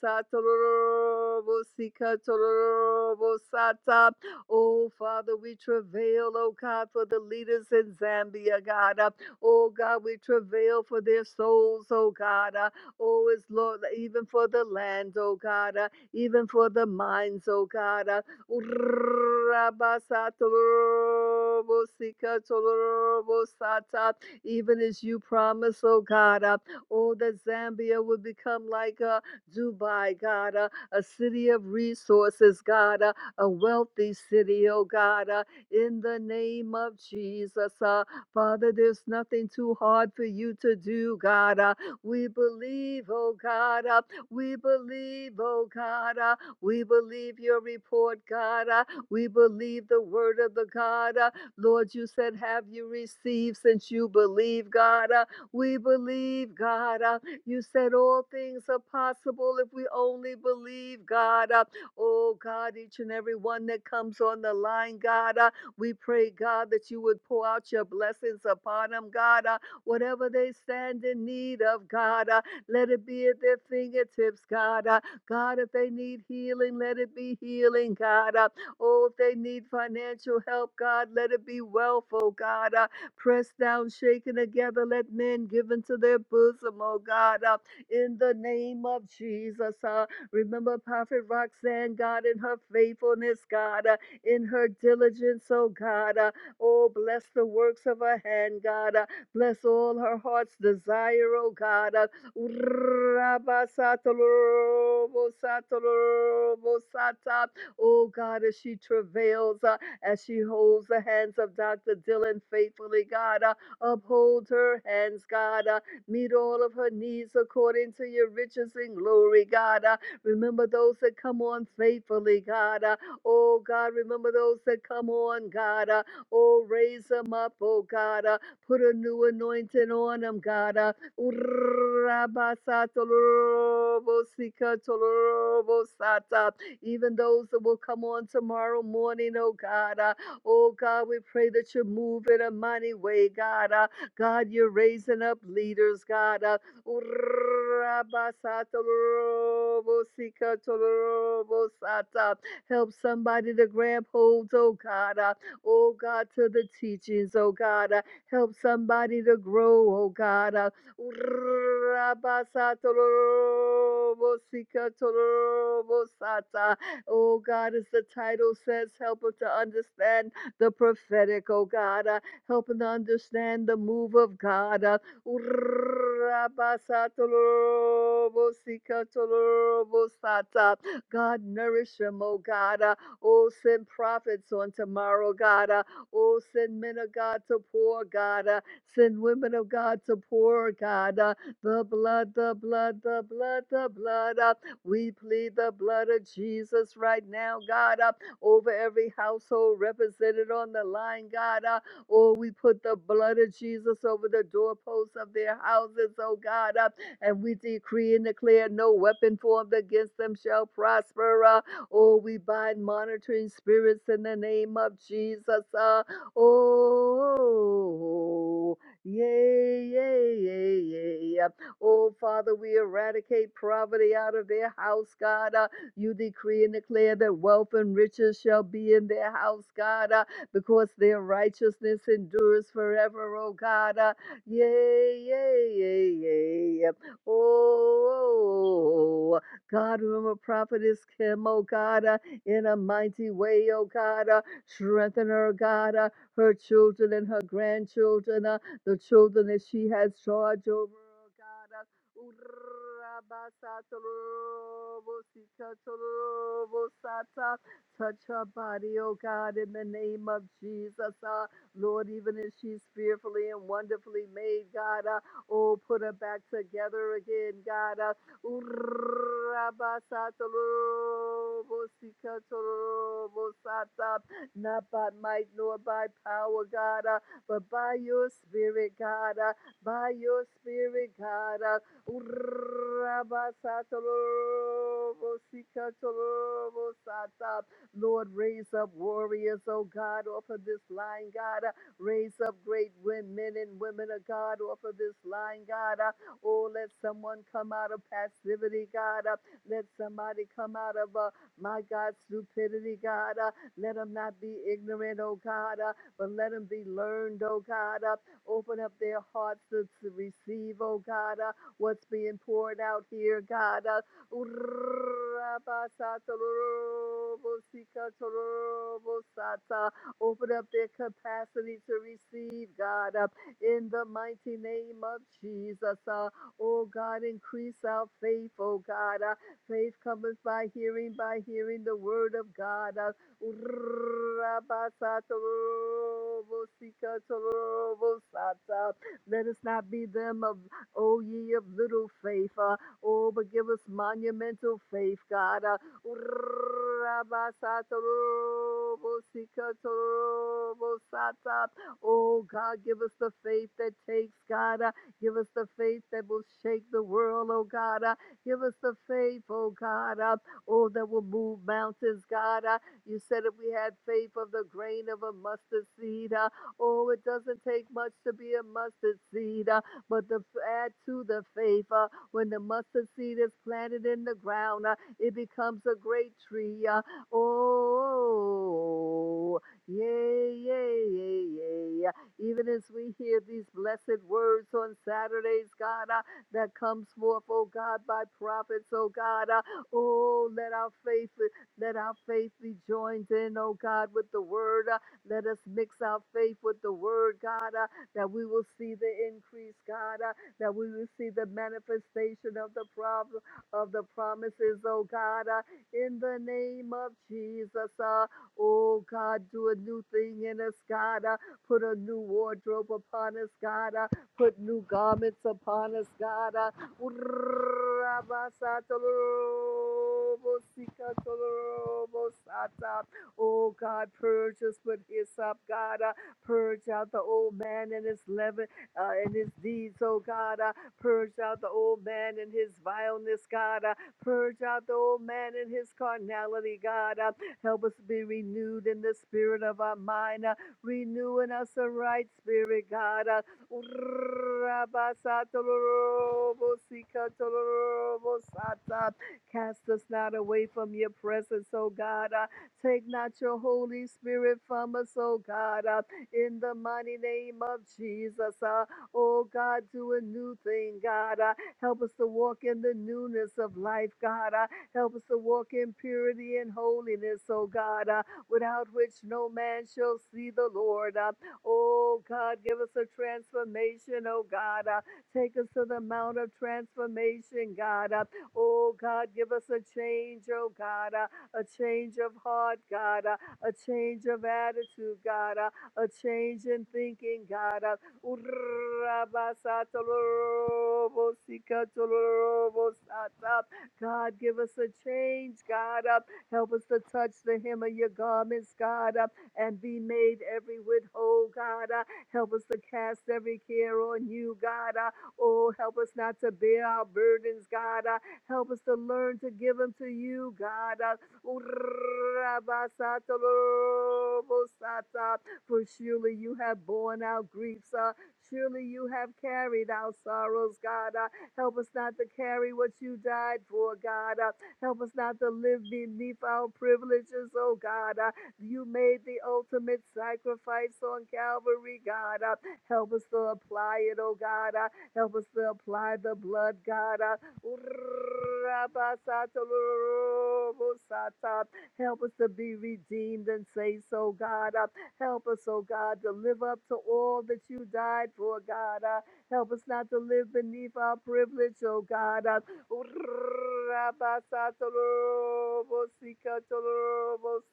[SPEAKER 2] Father, we travail, oh God, for the leaders in Zambia, God. Uh, Oh, God, we travail for their souls, oh God. Uh, Oh, it's Lord, even for the land, oh God. Uh, even for the minds, oh God. Uh, Urabasatorobosikatorobosatat. Even as you promise, oh God, uh, oh, that Zambia would become like uh, Dubai, God, uh, a city of resources, God, uh, a wealthy city, oh God, uh, in the name of Jesus. Uh, Father, there's nothing too hard for you to do, God. Uh, we believe, oh God. Uh, we believe, oh God. uh, we believe your report, God. Uh, We believe the word of the God. Uh, Lord, you said, Have you received since you believe, God? Uh, We believe, God. Uh, You said, All things are possible if we only believe, God. Uh, Oh, God, each and every one that comes on the line, God, uh, we pray, God, that you would pour out your blessings upon them, God. Uh, Whatever they stand in need of, God, uh, let it be at their fingertips, God. Uh, God, if they need healing, let it be healing, God. Uh, oh, if they need financial help, God, let it be wealth, oh God. Uh, pressed down, shaken together, let men give into their bosom, oh God. Uh, in the name of Jesus. Uh, remember Prophet Roxanne, God, in her faithfulness, God, uh, in her diligence, oh God. Uh, oh, bless the works of her hand, God. Uh, bless all her heart's desire, oh God. Uh, Rabasatolorobosatolorobosata. Oh God, as she travails, uh, as she holds the hands of Dr. Dylan faithfully, God, uh, uphold her hands, God, uh, meet all of her needs according to your riches and glory, God. uh, remember those that come on faithfully, God. uh, oh God, remember those that come on, God. uh, oh, raise them up, oh God. uh, put a new anointing on them, God. uh, Urabasatolorobosikatorobosata. Even those that will come on tomorrow morning, oh God. uh, Oh God, we pray that you move in a mighty way, God. uh, God, you're raising up leaders, God. uh, Urabasatolorobosikatolorobosata. Help somebody to grab hold, oh God. uh, Oh God, to the teachings, oh God. uh, Help somebody to grow, oh God. uh, Urabasatolobosikatorobosata. Oh God, as the title says, help us to understand the prophetic, oh God. Uh, help us to understand the move of God. Uh, God, nourish them, oh God. Uh, oh, send prophets on tomorrow, God. Uh, oh, send men of God to poor God. Uh, Send women of God to pour, God, uh, the blood, the blood, the blood, the blood. Uh, we plead the blood of Jesus right now, God, uh, over every household represented on the line, God. Uh, oh, we put the blood of Jesus over the doorposts of their houses, oh God. Uh, and we decree and declare no weapon formed against them shall prosper. Uh, oh, we bind monitoring spirits in the name of Jesus. Uh, oh. Yay, yay, yay, yay. yep. Oh, Father, we eradicate poverty out of their house, God. Uh, you decree and declare that wealth and riches shall be in their house, God, uh, because their righteousness endures forever, oh God. Uh, yay, yay, yay, yay. Oh, oh, oh. God, remember prophetess Kim, oh God, uh, in a mighty way, oh God. Uh, strengthen her, God, uh, her children and her grandchildren. uh, the children that she has charge over, oh God. Uh, Touch her body, oh God, in the name of Jesus. Uh, Lord, even as she's fearfully and wonderfully made, God, uh, oh, put her back together again, God. Uh, not by might nor by power, God. uh, but by your spirit, God, uh, by your spirit, God. Uh, Lord, raise up warriors, oh God, off of this line, God. Uh, raise up great women, men and women of God off of this line, God. Uh, oh, let someone come out of passivity, God. Uh, let somebody come out of, uh, my God, stupidity, God. Uh, let them not be ignorant, oh God. Uh, but let them be learned, oh God. Uh, open up their hearts to, to receive, oh God, uh, what's being poured out here, God. Uh, open up their capacity to receive, God, uh, in the mighty name of Jesus. Uh, oh God, increase our faith, oh God. Uh, faith cometh by hearing, by hearing the word of God. Uh, Urrabasatorobosikatorobosata. Let us not be them of, oh ye of little faith. Uh, oh, but give us monumental faith, God. Uh, Urrabasatorobosikatorobosata. oh, God, give us the faith that takes, God. Uh, give us the faith that will shake the world, oh, God. Uh, give us the faith, oh, God. Uh, oh, that will move mountains, God. Uh, you said if we had faith of the grain of a mustard seed, uh, oh, it doesn't take much to be a mustard seed, uh, but to add to the faith, uh, when the mustard seed is planted in the ground, uh, it becomes a great tree. Uh, oh, yay, yay, yay, yay. Even as we hear these blessed words on Saturdays, God, uh, that comes forth, oh God, by prophets, oh God, uh, oh, let our faith let our faith be joined in, oh God, with the word. Uh, let us mix our faith with the word, God, uh, that we will see the increase, God, uh, that we will see the manifestation of the problem of the promises, oh God, uh, in the name of Jesus. Uh, oh God, do a new thing in us, God. Uh, put a new wardrobe upon us, God. Uh, put new garments upon us, God. Uh, Urabasatolobosikatorobosata. Oh God, purge us with hyssop, God. Uh, purge out the old man and his leaven uh, and his deeds, oh God. Uh, purge out the old man and his vileness, God. Uh, purge out the old man and his carnality, God. Uh, help us be renewed in the spirit of our mind. Uh, renewing us a right spirit, God. Uh, Urabasatorobosikatorobosatab. Cast us not away from your presence, O God. Uh, Take not your Holy Spirit from us, O God. Uh, In the mighty name of Jesus, uh, O God, do a new thing, God. Uh, Help us to walk in the newness of life, God. Uh, Help us to walk in purity and holiness, O God, uh, without which no man shall see the Lord. Uh, Oh God, give us a transformation, oh God. Uh, take us to the mount of transformation, God. Uh, oh God, give us a change, oh God. Uh, a change of heart, God. Uh, a change of attitude, God. Uh, a change in thinking, God. Uh, God, give us a change, God. Uh, help us to touch the hem of your garments, God. Uh, and be made every whit whole, God. Uh, help us to cast every care on you, God. Uh, oh, help us not to bear our burdens, God. Uh, help us to learn to give them to you, God. Uh, for surely you have borne our griefs. Uh, surely you have carried our sorrows, God. Uh, help us not to carry what you died for, God. Uh, help us not to live beneath our privileges, oh God. Uh, you made the ultimate sacrifice on Calvary, God. Uh, help us to apply it, oh God. Uh, help us to apply the blood, God. Uh, help us to be redeemed and say so, God. Uh, help us, oh God, to live up to all that you died for, God. Uh, help us not to live beneath our privilege, oh God.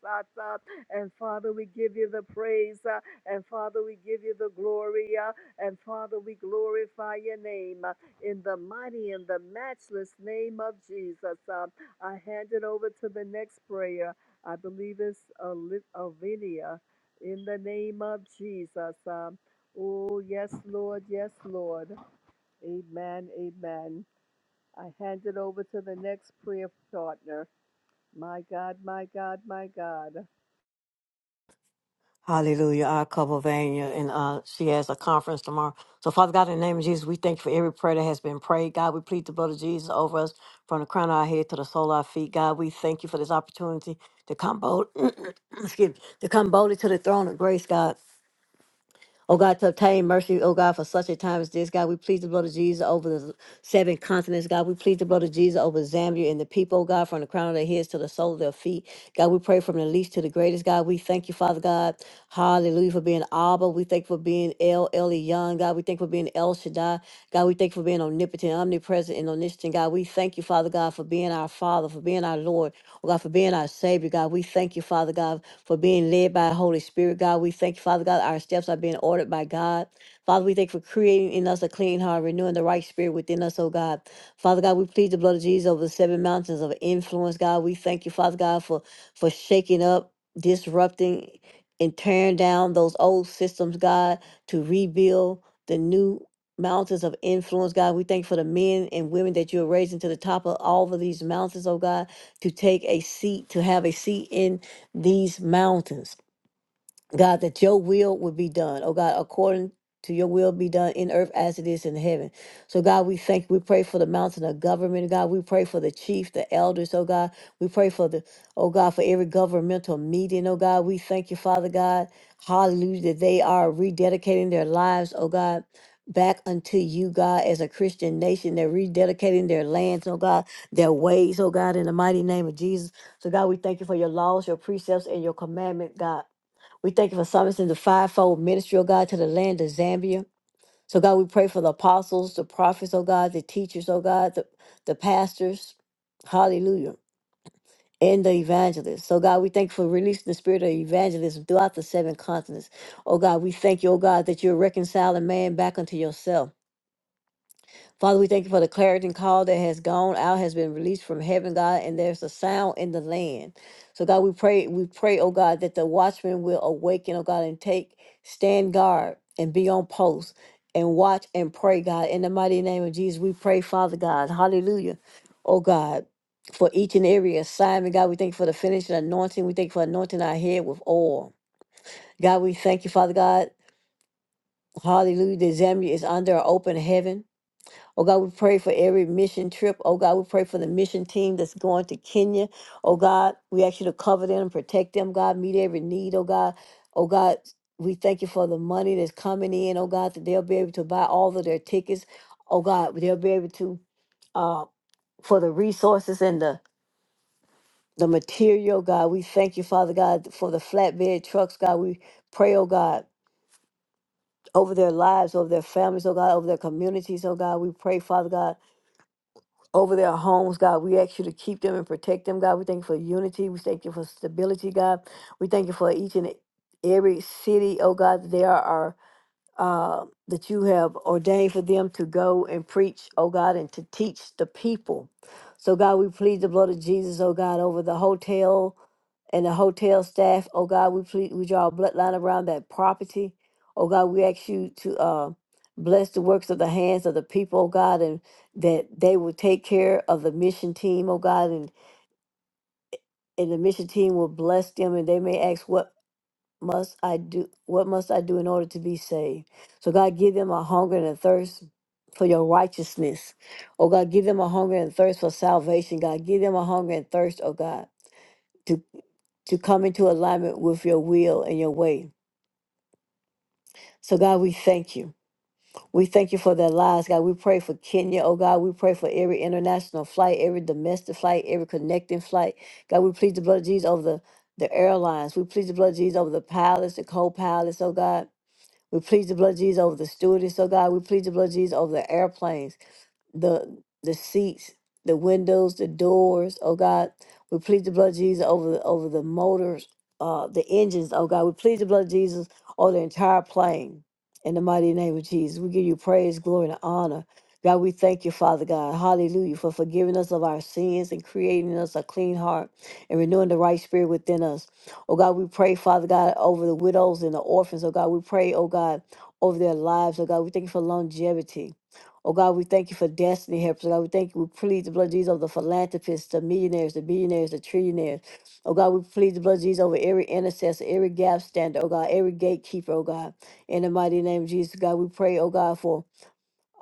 [SPEAKER 2] Uh, and Father, we give you the praise. uh, And Father, we give you the glory. uh, And Father, we glorify your name uh, in the mighty and the matchless name of Jesus. Uh, I hand it over to the next prayer. I believe it's Oli- Olivia in the name of Jesus. Um, oh, yes, Lord. Yes, Lord. Amen. Amen. I hand it over to the next prayer partner. My God, my God, my God.
[SPEAKER 3] Hallelujah. I cover Vanya, and uh, she has a conference tomorrow. So, Father God, in the name of Jesus, we thank you for every prayer that has been prayed. God, we plead the blood of Jesus over us from the crown of our head to the sole of our feet. God, we thank you for this opportunity to come bold, excuse me, to come boldly to the throne of grace, God. Oh God, to obtain mercy, oh God, for such a time as this, God, we plead the blood of Jesus over the seven continents, God. We plead the blood of Jesus over Zambia and the people, oh God, from the crown of their heads to the sole of their feet. God, we pray from the least to the greatest, God. We thank you, Father God. Hallelujah, for being Abba. We thank you for being El Elyon, God. We thank you for being El Shaddai. God, we thank you for being omnipotent, omnipresent, and omniscient, God. We thank you, Father God, for being our Father, for being our Lord. Oh God, for being our Savior, God. We thank you, Father God, for being led by the Holy Spirit, God. We thank you, Father God, our steps are being ordered by God. Father, we thank you for creating in us a clean heart, renewing the right spirit within us, oh God. Father God, we plead the blood of Jesus over the seven mountains of influence, God. We thank you, Father God, for for shaking up, disrupting, and tearing down those old systems, God, to rebuild the new mountains of influence, God. We thank you for the men and women that you are raising to the top of all of these mountains, oh God to take a seat, to have a seat in these mountains. God, that your will would be done. Oh God, according to your will be done in earth as it is in heaven. So God, we thank you. We pray for the mountain of government. God, we pray for the chief, the elders, oh God. We pray for the, oh God, for every governmental meeting. Oh God, we thank you, Father God. Hallelujah. That they are rededicating their lives, oh God. Back unto you, God, as a Christian nation. They're rededicating their lands, oh God, their ways, oh God, in the mighty name of Jesus. So, God, we thank you for your laws, your precepts, and your commandment, God. We thank you for summoning the fivefold ministry, oh God, to the land of Zambia. So, God, we pray for the apostles, the prophets, oh God, the teachers, oh God, the, the pastors. Hallelujah. And the evangelists. So, God, we thank you for releasing the spirit of evangelism throughout the seven continents. Oh, God, we thank you, oh God, that you're reconciling man back unto yourself. Father, we thank you for the clarity call that has gone out, has been released from heaven, God, and there's a sound in the land. So, God, we pray, we pray, oh God, that the watchmen will awaken, oh God, and take stand guard and be on post and watch and pray, God. In the mighty name of Jesus, we pray, Father God. Hallelujah. Oh God, for each and every assignment, God, we thank you for the finishing anointing. We thank you for anointing our head with oil. God, we thank you, Father God. Hallelujah. The Zambia is under an open heaven. Oh God, we pray for every mission trip. Oh God, we pray for the mission team that's going to Kenya. Oh God, we ask you to cover them and protect them, God. Meet every need, oh God. Oh God, we thank you for the money that's coming in, oh God, that they'll be able to buy all of their tickets. Oh God, they'll be able to uh for the resources and the the material, God. We thank you, Father God, for the flatbed trucks, God. We pray, oh God, over their lives, over their families, oh God, over their communities, oh God. We pray, Father God. over their homes, God. We ask you to keep them and protect them, God. We thank you for unity. We thank you for stability, God. We thank you for each and every city, oh God, that they are uh, that you have ordained for them to go and preach, oh God, and to teach the people. So, God, we plead the blood of Jesus, oh God, over the hotel and the hotel staff. Oh God, we plead, we draw a bloodline around that property. Oh God, we ask you to uh, bless the works of the hands of the people, oh God, and that they will take care of the mission team, oh God, and, and the mission team will bless them and they may ask what must I do? What must I do in order to be saved? So God, give them a hunger and a thirst for your righteousness. Oh God, give them a hunger and thirst for salvation. God, give them a hunger and thirst. Oh God, to to come into alignment with your will and your way. So, God, we thank you. We thank you for their lives, God. We pray for Kenya, oh God. We pray for every international flight, every domestic flight, every connecting flight. God, we plead the blood of Jesus over the, the airlines. We plead the blood of Jesus over the pilots, the co pilots, oh God. We plead the blood of Jesus over the stewardess, oh God. We plead the blood of Jesus over the airplanes the the seats, the windows, the doors. Oh God, we plead the blood of Jesus over the, over the motors, uh, the engines. Oh God, we plead the blood of Jesus over the entire plane. In the mighty name of Jesus, we give you praise, glory, and honor. God, we thank you, Father God. Hallelujah, for forgiving us of our sins and creating us a clean heart and renewing the right spirit within us. Oh God, we pray, Father God, over the widows and the orphans. Oh God, we pray, oh God, over their lives. Oh God, we thank you for longevity. Oh God, we thank you for destiny helpers. Oh God, we thank you. We plead the blood of Jesus over the philanthropists, the millionaires, the billionaires, the trillionaires. Oh God, we plead the blood of Jesus over every intercessor, every gap stander. Oh God, every gatekeeper. Oh God, in the mighty name of Jesus, God, we pray. Oh God, for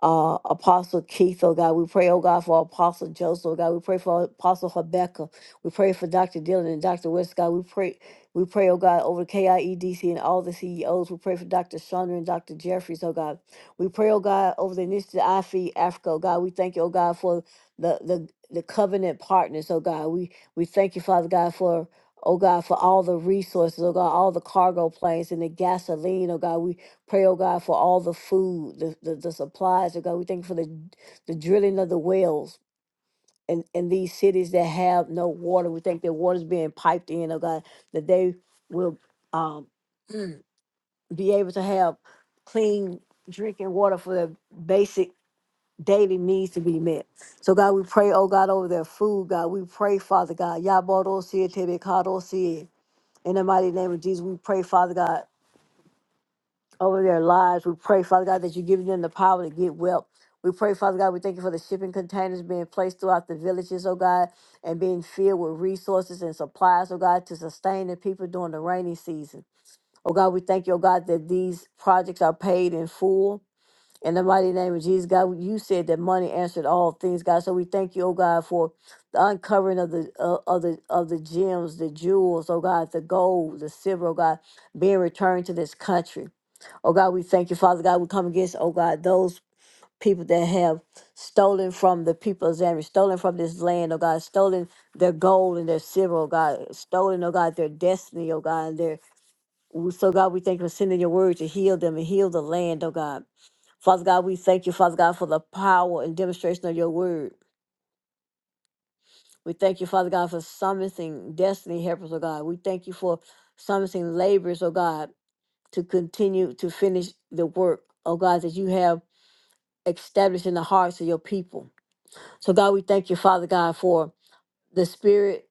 [SPEAKER 3] uh, Apostle Keith, oh God. We pray, oh God, for Apostle Joseph, oh God. We pray for Apostle Rebecca. We pray for Dr. Dillon and Dr. West, God. We pray, we pray, oh God, over KIEDC and all the CEOs. We pray for Dr. Chandra and Dr. Jeffries, oh God. We pray, oh God, over the initiative I Feed Africa, oh God. We thank you, oh God, for the the the covenant partners, oh God. We we thank you, Father God, for Oh God, for all the resources, oh God, all the cargo planes and the gasoline, oh God. Pray, oh God, for all the food, the, the, the supplies, oh God. We thank you for the, the drilling of the wells in, in these cities that have no water. We thank that water's being piped in, oh God, that they will um, be able to have clean drinking water for their basic daily needs to be met. So God, we pray, oh God, over their food, God. We pray, Father God. Yabodo siye tebe kado it, In the mighty name of Jesus, we pray, Father God over their lives. We pray, Father God, that you're giving them the power to get well. We pray, Father God, we thank you for the shipping containers being placed throughout the villages, oh God, and being filled with resources and supplies, oh God, to sustain the people during the rainy season. Oh God, we thank you, oh God, that these projects are paid in full. In the mighty name of Jesus, God, you said that money answered all things, God. So we thank you, oh God, for the uncovering of the uh, of the of the gems, the jewels, oh God, the gold, the silver, oh God, being returned to this country. Oh God, we thank you, Father God. We come against, oh God, those people that have stolen from the people of Zambia, stolen from this land, oh God, stolen their gold and their silver, oh God, stolen, oh God, their destiny, oh God, and their so God, we thank you for sending your word to heal them and heal the land, oh God. Father God, we thank you, Father God, for the power and demonstration of your word. We thank you, Father God, for summoning destiny helpers, oh God. We thank you for summoning laborers, oh God, to continue to finish the work, oh God, that you have established in the hearts of your people. So, God, we thank you, Father God, for the spirit,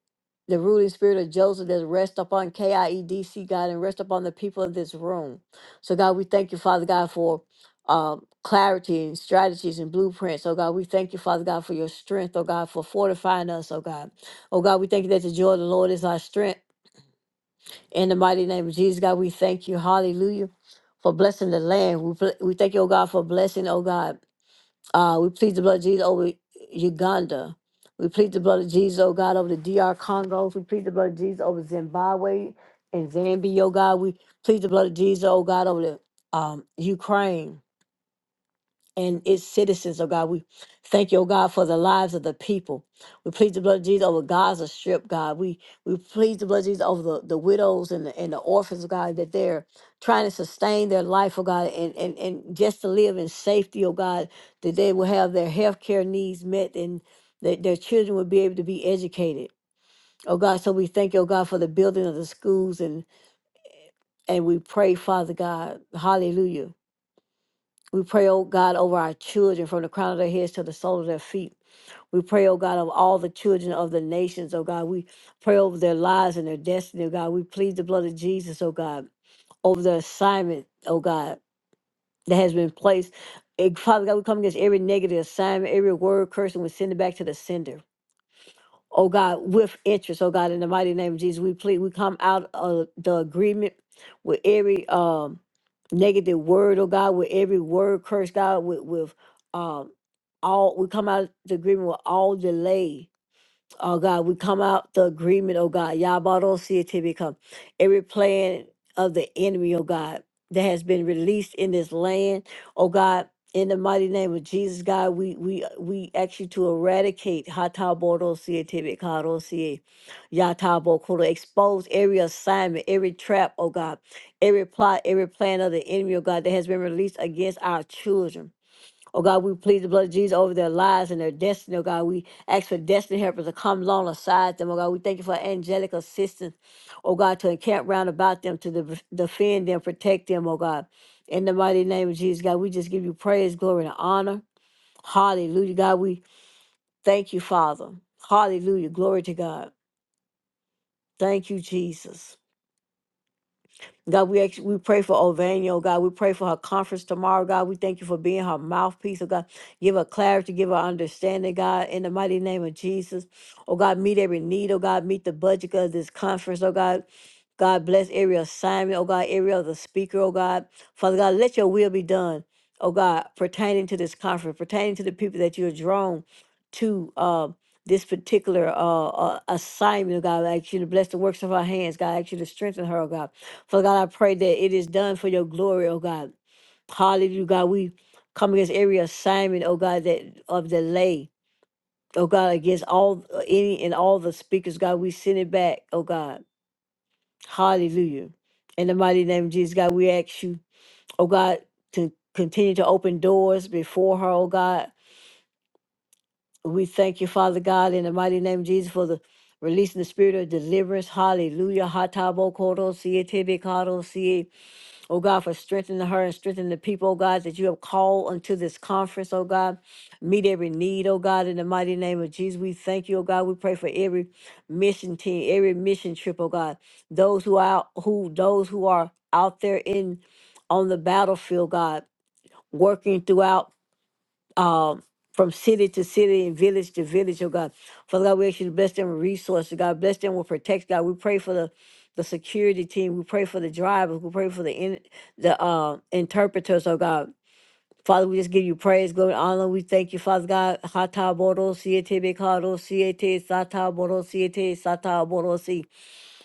[SPEAKER 3] the ruling spirit of Joseph that rests upon KIEDC, God, and rest upon the people of this room. So, God, we thank you, Father God, for um, clarity and strategies and blueprints. Oh, God, we thank you, Father God, for your strength. Oh, God, for fortifying us. Oh, God. Oh, God, we thank you that the joy of the Lord is our strength. In the mighty name of Jesus, God, we thank you. Hallelujah. For blessing the land. We, bl- we thank you, oh God, for blessing, oh God. Uh, we plead the blood of Jesus over Uganda. We plead the blood of Jesus, oh God, over the DR Congo. We plead the blood of Jesus over Zimbabwe and Zambia, oh God. We plead the blood of Jesus, oh God, over the um, Ukraine and its citizens, oh God. We thank you, oh God, for the lives of the people. We plead the blood of Jesus over Gaza Strip, God. We we plead the blood of Jesus over the, the widows and the, and the orphans, oh God, that they're trying to sustain their life, oh God, and, and, and just to live in safety, oh God, that they will have their health care needs met and that their children will be able to be educated. Oh God, so we thank you, oh God, for the building of the schools and and we pray, Father God, hallelujah we pray, oh God, over our children from the crown of their heads to the sole of their feet. We pray, oh God, of all the children of the nations, oh God. We pray over their lives and their destiny, oh God. We plead the blood of Jesus, oh God, over the assignment, oh God, that has been placed. And Father God, we come against every negative assignment, every word cursing, we send it back to the sender oh God, with interest, oh God, in the mighty name of Jesus, we plead, we come out of the agreement with every um negative word, oh God, with every word curse, God, with with um all we come out of the agreement with all delay Oh God, we come out the agreement, oh God. Yabarosiete become every plan of the enemy, oh God, that has been released in this land. Oh God, in the mighty name of Jesus, God, we we we ask you to eradicate Hataborosiete Bekarosie, Yatabokoro. Expose every assignment, every trap, oh God, every plot, every plan of the enemy, oh God, that has been released against our children. Oh God, we plead the blood of Jesus over their lives and their destiny. Oh God, we ask for destiny helpers to come along alongside them. Oh God, we thank you for angelic assistance. Oh God, to encamp round about them, to def- defend them, protect them. Oh God, in the mighty name of Jesus, God, we just give you praise, glory, and honor. Hallelujah, God, we thank you, Father. Hallelujah, glory to God. Thank you, Jesus. God, we actually, we pray for Ovania, oh God. We pray for her conference tomorrow, God. We thank you for being her mouthpiece, oh God. Give her clarity, give her understanding, God, in the mighty name of Jesus. Oh God, meet every need, oh God. Meet the budget of this conference, oh God. God bless every assignment, oh God, every other speaker, oh God. Father God, let your will be done, oh God, pertaining to this conference, pertaining to the people that you are drawn to uh, this particular uh, uh, assignment, oh God. I ask you to bless the works of our hands, God. I ask you to strengthen her, oh God. Father God, I pray that it is done for your glory, oh God. Hallelujah, God. We come against every assignment, oh God, that of delay, oh God, against all uh, any and all the speakers, God. We send it back, oh God. Hallelujah. In the mighty name of Jesus, God, we ask you, oh God, to continue to open doors before her, oh God. We thank you, Father God, in the mighty name of Jesus, for the releasing the spirit of deliverance. Hallelujah. Hatabo Oh God, for strengthening her and strengthening the people, oh God, that you have called unto this conference, oh God. Meet every need, oh God, in the mighty name of Jesus. We thank you, oh God. We pray for every mission team, every mission trip, oh God. Those who are out, who those who are out there in on the battlefield, God, working throughout um, from city to city and village to village, oh God. Father God, we ask you to bless them with resources. God, bless them with protection. God, we pray for the, the security team. We pray for the drivers. We pray for the in, the uh, interpreters, oh God. Father, we just give you praise, glory, and honor. We thank you, Father God. Hata boro siete bekaro siete sata boro siete sata boro si.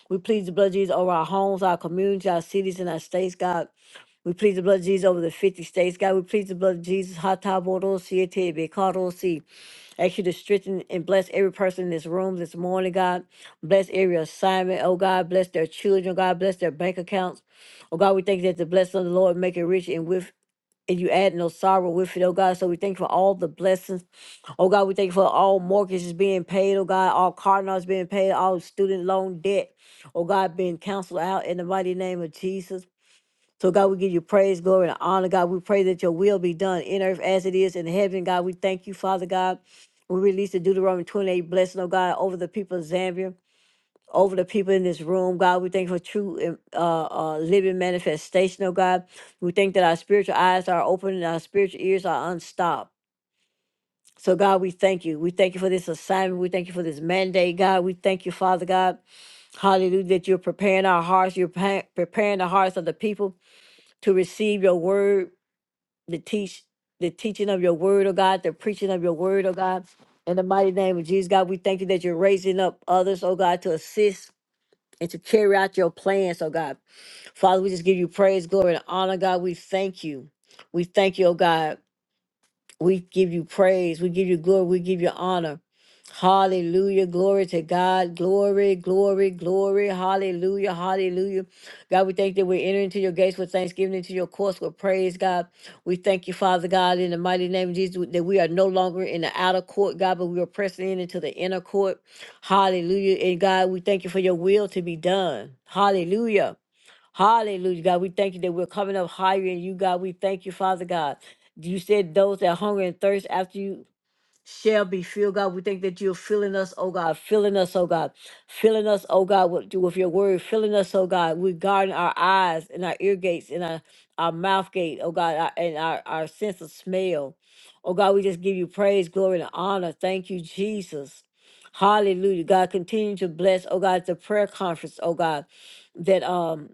[SPEAKER 3] We plead the blood of Jesus over our homes, our communities, our cities, and our states, God. We plead the blood of Jesus over the 50 states, God. We plead the blood of Jesus. Hatabodosi etebe, kadosi. Ask you to strengthen and bless every person in this room this morning, God. Bless every assignment, oh God. Bless their children, oh God. Bless their bank accounts. Oh God, we thank you that the blessing of the Lord make it rich and with and you add no sorrow with it, oh God. So we thank you for all the blessings. Oh God, we thank you for all mortgages being paid, oh God, all car notes being paid, all student loan debt, oh God, being canceled out in the mighty name of Jesus. So God, we give you praise, glory, and honor, God. We pray that your will be done in earth as it is in heaven, God. We thank you, Father God. We release the Deuteronomy 28 blessing, oh God, over the people of Zambia over the people in this room, God. We thank you for true and, uh, uh, living manifestation, oh God. We thank that our spiritual eyes are open and our spiritual ears are unstopped. So, God, we thank you. We thank you for this assignment. We thank you for this mandate, God. We thank you, Father God. Hallelujah, that you're preparing our hearts. You're pa- preparing the hearts of the people to receive your word, the teach, the teaching of your word, oh God, the preaching of your word, oh God. In the mighty name of Jesus, God, we thank you that you're raising up others, oh God, to assist and to carry out your plans, oh God. Father, we just give you praise, glory, and honor, God. We thank you. We thank you, oh God. We give you praise. We give you glory. We give you honor. Hallelujah. Glory to God. Glory, glory, glory. Hallelujah. Hallelujah. God, we thank that we're entering into your gates with thanksgiving, into your courts with praise, God. We thank you, Father God, in the mighty name of Jesus, that we are no longer in the outer court, God, but we are pressing in into the inner court. Hallelujah. And God, we thank you for your will to be done. Hallelujah. Hallelujah, God. We thank you that we're coming up higher in you, God. We thank you, Father God. You said those that hunger and thirst after you shall be filled, God. We thank that you're filling us, oh God, filling us, oh God, filling us, oh God, with, with your word, filling us, oh God. We're guarding our eyes and our ear gates and our, our mouth gate, oh God, our, and our, our sense of smell. Oh God, we just give you praise, glory, and honor. Thank you, Jesus. Hallelujah. God, continue to bless, oh God, the prayer conference, oh God, that um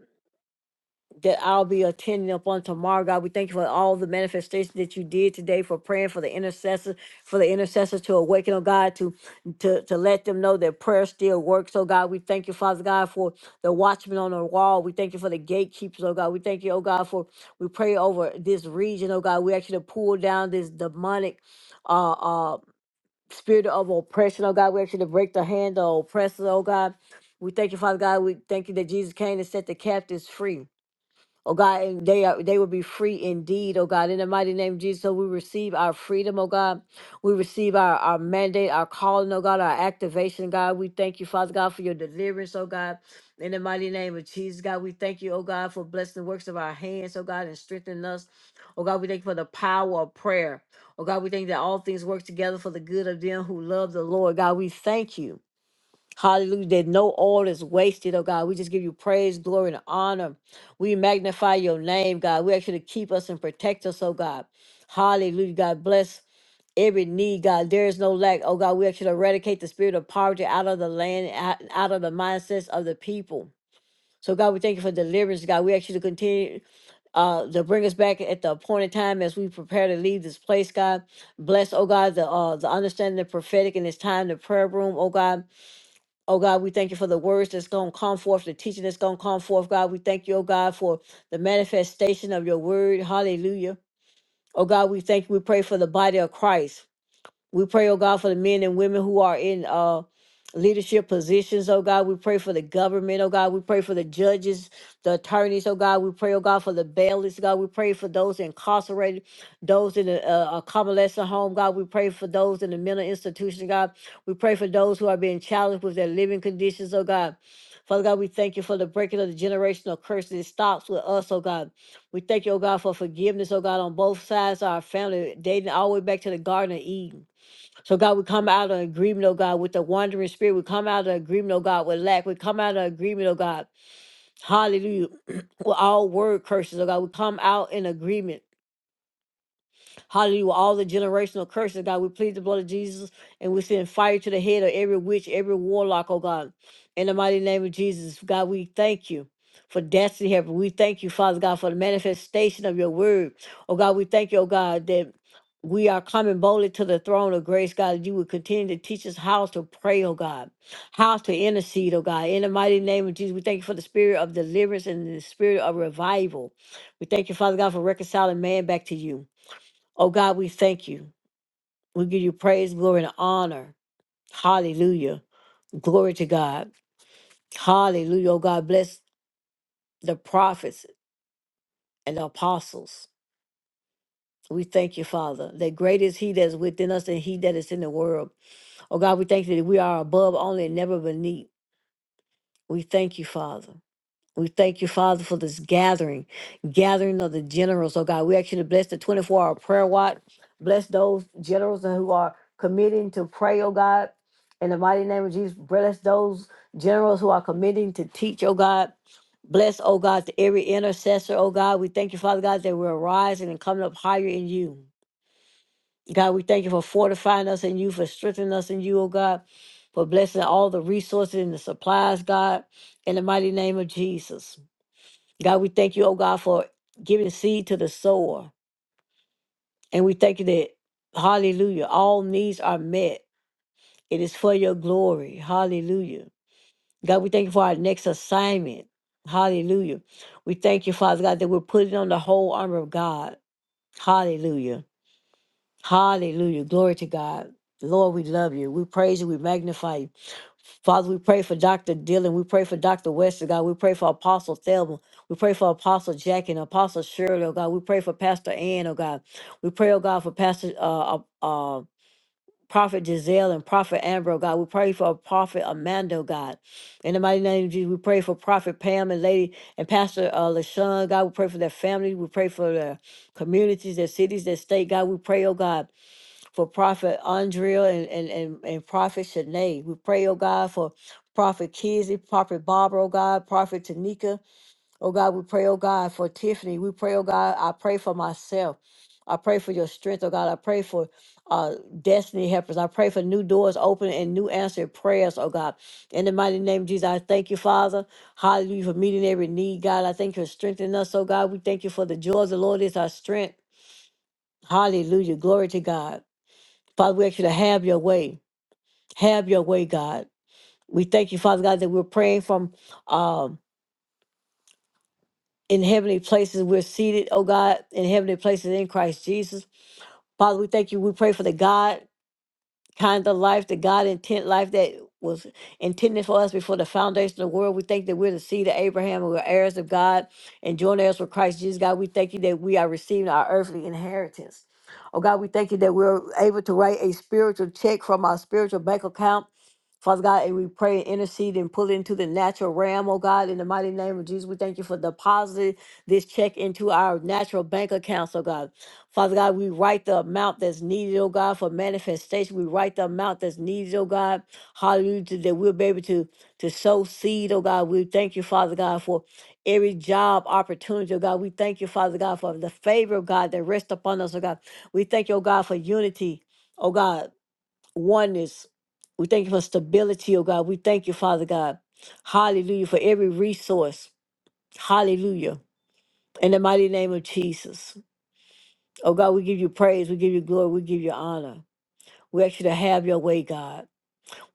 [SPEAKER 3] that I'll be attending upon tomorrow. God, we thank you for all the manifestations that you did today for praying for the intercessors, for the intercessors to awaken, oh God, to to to let them know that prayer still works. Oh God, we thank you, Father God, for the watchmen on the wall. We thank you for the gatekeepers, oh God. We thank you, oh God, for we pray over this region, oh God. We actually pull down this demonic uh uh spirit of oppression, oh God. We actually break the hand of oppressors, oh God. We thank you, Father God. We thank you that Jesus came to set the captives free. Oh God, and they are they will be free indeed, oh God. In the mighty name of Jesus, so we receive our freedom, oh God. We receive our, our mandate, our calling, oh God, our activation, God. We thank you, Father God, for your deliverance, oh God. In the mighty name of Jesus, God, we thank you, oh God, for blessing the works of our hands, oh God, and strengthening us. Oh God, we thank you for the power of prayer. Oh God, we thank that all things work together for the good of them who love the Lord. God, we thank you. Hallelujah. That no oil is wasted, oh God. We just give you praise, glory, and honor. We magnify your name, God. We ask you to keep us and protect us, oh God. Hallelujah. God bless every need, God. There is no lack, oh God. We ask you to eradicate the spirit of poverty out of the land, out, out of the mindsets of the people. So, God, we thank you for deliverance, God. We ask you to continue uh, to bring us back at the appointed time as we prepare to leave this place, God. Bless, oh God, the uh, the understanding of the prophetic in this time, the prayer room, oh God. Oh God, we thank you for the words that's going to come forth, the teaching that's going to come forth. God, we thank you, oh God, for the manifestation of your word. Hallelujah. Oh God, we thank you. We pray for the body of Christ. We pray, oh God, for the men and women who are in uh leadership positions, oh God. We pray for the government, oh God. We pray for the judges, the attorneys, oh God. We pray, oh God, for the bailiffs, God. We pray for those incarcerated, those in the uh, uh, convalescent home, God. We pray for those in the mental institution, God. We pray for those who are being challenged with their living conditions, oh God. Father God, we thank you for the breaking of the generational curse that stops with us, oh God. We thank you, oh God, for forgiveness, oh God, on both sides of our family, dating all the way back to the Garden of Eden. So, God, we come out of agreement, oh God, with the wandering spirit. We come out of agreement, oh God, with lack. We come out of agreement, oh God, hallelujah, with all word curses, oh God. We come out in agreement. Hallelujah. All the generational curses, God, we plead the blood of Jesus and we send fire to the head of every witch, every warlock, oh God. In the mighty name of Jesus, God, we thank you. For destiny helper. We thank you, Father God, for the manifestation of your word. Oh God, we thank you, oh God, that we are coming boldly to the throne of grace, God, that you would continue to teach us how to pray, oh God, how to intercede, oh God. In the mighty name of Jesus, we thank you for the spirit of deliverance and the spirit of revival. We thank you, Father God, for reconciling man back to you. Oh God, we thank you. We give you praise, glory, and honor. Hallelujah. Glory to God. Hallelujah. Oh God, bless the prophets and the apostles. We thank you, Father, that great is He that is within us and He that is in the world. Oh God, we thank you that we are above only and never beneath. We thank you, Father. We thank you, Father, for this gathering, gathering of the generals. Oh God, we ask you to bless the 24 hour prayer watch. Bless those generals who are committing to pray, oh God. In the mighty name of Jesus, bless those generals who are committing to teach, oh God. Bless, oh God, to every intercessor, oh God. We thank you, Father God, that we're rising and coming up higher in you. God, we thank you for fortifying us in you, for strengthening us in you, oh God, for blessing all the resources and the supplies, God, in the mighty name of Jesus. God, we thank you, oh God, for giving seed to the sower. And we thank you that, hallelujah, all needs are met. It is for your glory. Hallelujah. God, we thank you for our next assignment. Hallelujah. We thank you, Father God, that we're putting on the whole armor of God. Hallelujah Hallelujah. Glory to God. Lord, we love you. We praise you. We magnify you. Father, we pray for Dr. Dylan. We pray for Dr. West, oh God. We pray for Apostle Thelma. We pray for Apostle Jack and Apostle Shirley, oh God. We pray for Pastor Ann, oh God. We pray, oh God, for Pastor uh, uh, uh, Prophet Giselle and Prophet Amber, oh God. We pray for Prophet Amanda, oh God. In the mighty name of Jesus, we pray for Prophet Pam and Lady and Pastor uh, LaShawn, God. We pray for their family. We pray for their communities, their cities, their state, God. We pray, oh God for Prophet Andrea and, and, and, and Prophet Shanae. We pray, oh God, for Prophet Kizzy, Prophet Barbara, oh God, Prophet Tanika. Oh God, we pray, oh God, for Tiffany. We pray, oh God, I pray for myself. I pray for your strength, oh God. I pray for uh, destiny helpers. I pray for new doors open and new answered prayers, oh God. In the mighty name of Jesus, I thank you, Father. Hallelujah for meeting every need, God. I thank you for strengthening us, oh God. We thank you for the joy of the Lord is our strength. Hallelujah. Glory to God. Father, we ask you to have your way. Have your way, God. We thank you, Father God, that we're praying from um, in heavenly places. We're seated, oh God, in heavenly places in Christ Jesus. Father, we thank you. We pray for the God kind of life, the God intent life that was intended for us before the foundation of the world. We thank that we're the seed of Abraham and we're heirs of God and joint heirs with Christ Jesus. God, we thank you that we are receiving our earthly inheritance. Oh God, we thank you that we're able to write a spiritual check from our spiritual bank account. Father God, and we pray and intercede and pull it into the natural realm, oh God, in the mighty name of Jesus. We thank you for depositing this check into our natural bank accounts, oh God. Father God, we write the amount that's needed, oh God, for manifestation. We write the amount that's needed, oh God. Hallelujah, to- that we'll be able to, to sow seed, oh God. We thank you, Father God, for every job opportunity, oh God. We thank you, Father God, for the favor of God that rests upon us, oh God. We thank you, oh God, for unity, oh God, oneness. We thank you for stability, oh God. We thank you, Father God. Hallelujah, for every resource. Hallelujah. In the mighty name of Jesus. Oh God, we give you praise, we give you glory, we give you honor. We ask you to have your way, God.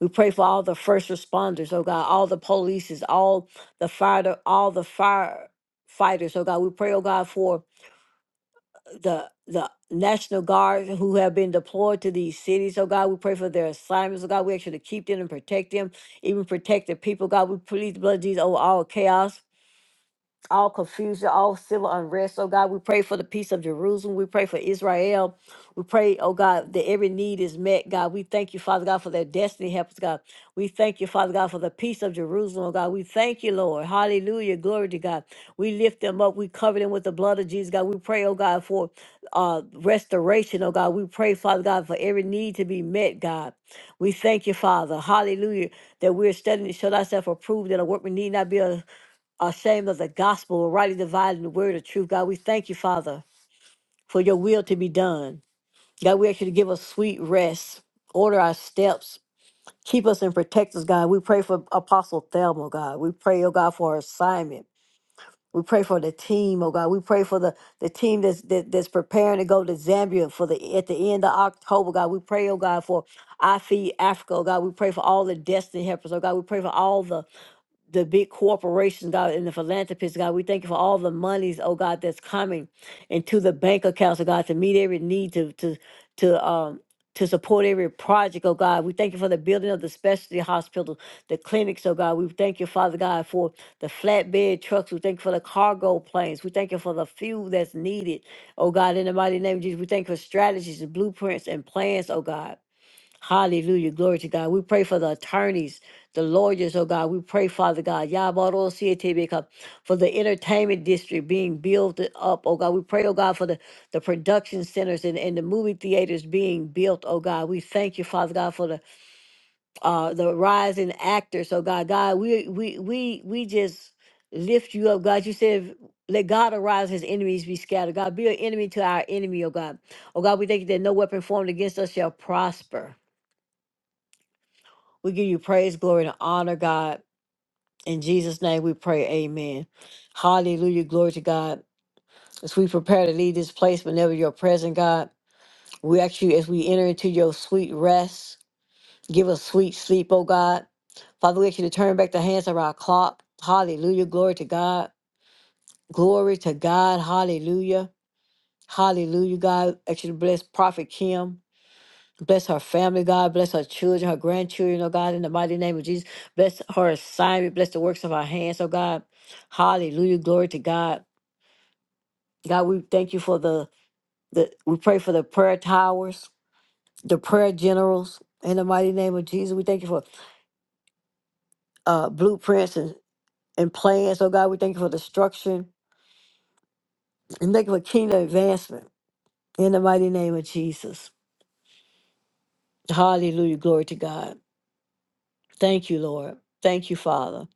[SPEAKER 3] We pray for all the first responders, oh God, all the polices, all the fire, all the firefighters, oh God. We pray, oh God, for the the National Guard who have been deployed to these cities, oh God. We pray for their assignments, oh God. We ask you to keep them and protect them, even protect the people, God. We plead the blood of Jesus over all chaos all confusion, all civil unrest. Oh God, we pray for the peace of Jerusalem. We pray for Israel. We pray, oh God, that every need is met, God. We thank you, Father God, for their destiny helpers, God. We thank you, Father God, for the peace of Jerusalem, oh God. We thank you, Lord. Hallelujah. Glory to God. We lift them up. We cover them with the blood of Jesus, God. We pray, oh God, for uh, restoration, oh God. We pray, Father God, for every need to be met, God. We thank you, Father. Hallelujah. That we're studying to show thyself approved, that a workman need not be a ashamed of the gospel, or rightly dividing the word of truth. God, we thank you, Father, for your will to be done. God, we ask you to give us sweet rest, order our steps, keep us and protect us, God. We pray for Apostle Thelma, God. We pray, oh God, for her assignment. We pray for the team, oh God. We pray for the, the team that's that, that's preparing to go to Zambia for the at the end of October, God. We pray, oh God, for I Feed Africa, oh God. We pray for all the destiny helpers, oh God. We pray for all the the big corporations, God, and the philanthropists, God. We thank you for all the monies, oh God, that's coming into the bank accounts, oh God, to meet every need, to to to um to support every project, oh God. We thank you for the building of the specialty hospital, the clinics, oh God. We thank you, Father God, for the flatbed trucks. We thank you for the cargo planes. We thank you for the fuel that's needed, oh God, in the mighty name of Jesus. We thank you for strategies and blueprints and plans, oh God. Hallelujah. Glory to God. We pray for the attorneys, the lawyers, oh God. We pray, Father God, Yabaro Sietebeka, for the entertainment district being built up, oh God. We pray, oh God, for the, the production centers and, and the movie theaters being built, oh God. We thank you, Father God, for the uh the rising actors, oh God. God, we we we we just lift you up, God. You said let God arise, his enemies be scattered. God, be an enemy to our enemy, oh God. Oh God, we thank you that no weapon formed against us shall prosper. We give you praise, glory, and honor, God. In Jesus' name we pray, amen. Hallelujah, glory to God. As we prepare to leave this place whenever you're present, God, we ask you as we enter into your sweet rest, give us sweet sleep, oh God. Father, we ask you to turn back the hands of our clock. Hallelujah, glory to God. Glory to God, hallelujah. Hallelujah, God. Ask you to bless Prophet Kim. Bless her family, God. Bless her children, her grandchildren, oh God, in the mighty name of Jesus. Bless her assignment. Bless the works of our hands, oh God. Hallelujah. Glory to God. God, we thank you for the, the we pray for the prayer towers, the prayer generals, in the mighty name of Jesus. We thank you for uh, blueprints and, and plans, oh God. We thank you for the structure and thank you for kingdom advancement, in the mighty name of Jesus. Hallelujah. Glory to God. Thank you, Lord. Thank you, Father.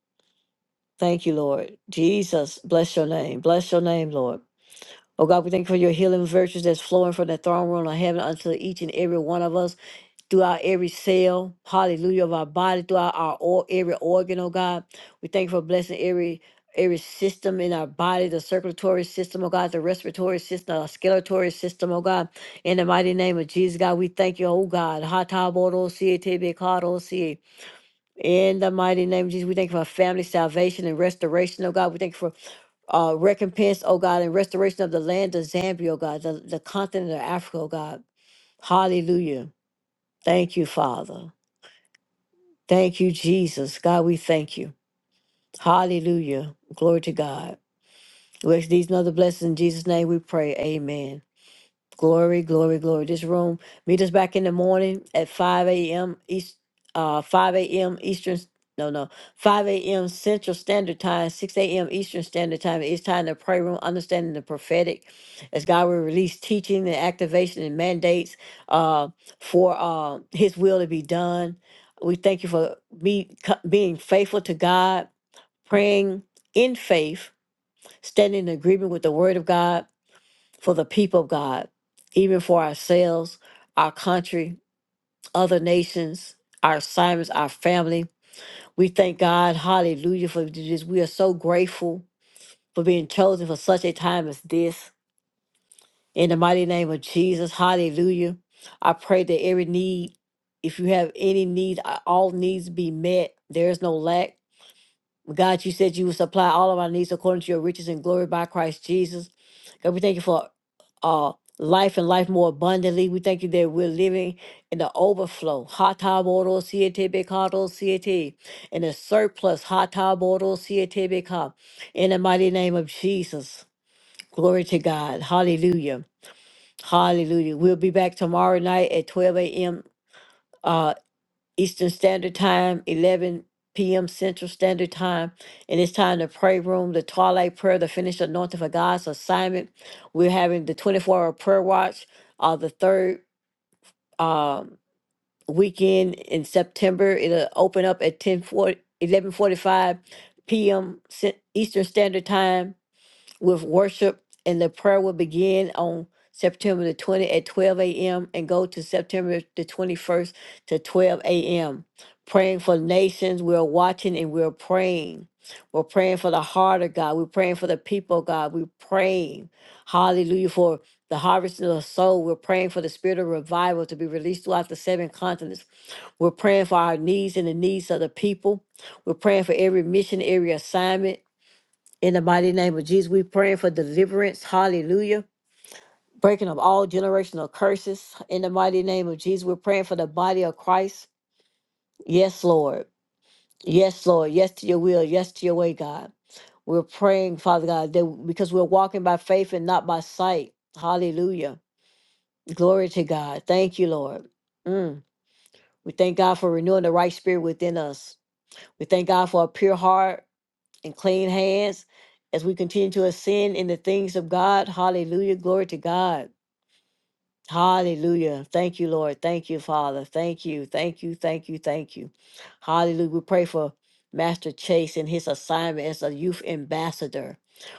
[SPEAKER 3] Thank you, Lord. Jesus, bless your name. Bless your name, Lord. Oh God, we thank you for your healing virtues that's flowing from the throne room of heaven unto each and every one of us throughout every cell, hallelujah, of our body, throughout our or, every organ, oh God. We thank you for blessing every every system in our body, the circulatory system, oh God, the respiratory system, our skeletal system, oh God. In the mighty name of Jesus, God, we thank you, oh God. Hata in the mighty name of Jesus, we thank you for family salvation and restoration, oh God. We thank you for uh, recompense, oh God, and restoration of the land of Zambia, oh God, the, the continent of Africa, oh God. Hallelujah. Thank you, Father. Thank you, Jesus. God, we thank you. Hallelujah. Glory to God. We ask these and other blessings in Jesus' name we pray. Amen. Glory, glory, glory. This room, meet us back in the morning at 5 a.m. East, uh, 5 a.m. Eastern, no, no, 5 a.m. Central Standard Time, 6 a.m. Eastern Standard Time. It's time to pray room, understanding the prophetic. As God will release teaching and activation and mandates uh, for uh, His will to be done. We thank you for be, co- being faithful to God, praying in faith, standing in agreement with the Word of God for the people of God, even for ourselves, our country, other nations, our assignments, our family. We thank God, hallelujah, for this. We are so grateful for being chosen for such a time as this. In the mighty name of Jesus, hallelujah. I pray that every need, if you have any need, uh, all needs be met. There is no lack. God, you said you would supply all of our needs according to your riches and glory by Christ Jesus. God, we thank you for uh, life and life more abundantly. We thank you that we're living in the overflow. Hata boro siete bekado siete. In the surplus. Hata boro siete beka. In the mighty name of Jesus. Glory to God. Hallelujah. Hallelujah. We'll be back tomorrow night at 12 a.m. Eastern Standard Time, 11 p.m. Central Standard Time. And it's time to pray room, the twilight prayer, the finished anointing for God's assignment. We're having the 24 hour prayer watch uh, the third um, weekend in September. It'll open up at 10 p.m. Cen- Eastern Standard Time with worship, and the prayer will begin on September the 20th at 12 a.m. and go to September the 21st to 12 a.m. Praying for nations, we're watching and we're praying. We're praying for the heart of God. We're praying for the people of God. We're praying, hallelujah, for the harvest of the soul. We're praying for the spirit of revival to be released throughout the seven continents. We're praying for our needs and the needs of the people. We're praying for every mission, every assignment. In the mighty name of Jesus, we praying for deliverance. Hallelujah. Breaking of all generational curses. In the mighty name of Jesus, we're praying for the body of Christ. Yes, Lord. Yes, Lord. Yes to your will. Yes to your way, God. We're praying, Father God, that because we're walking by faith and not by sight. Hallelujah. Glory to God. Thank you, Lord. Mm. We thank God for renewing the right spirit within us. We thank God for a pure heart and clean hands as we continue to ascend in the things of God. Hallelujah. Glory to God. Hallelujah. Thank you, Lord. Thank you, Father. Thank you. Thank you. Thank you. Thank you. Hallelujah. We pray for Master Chase and his assignment as a youth ambassador.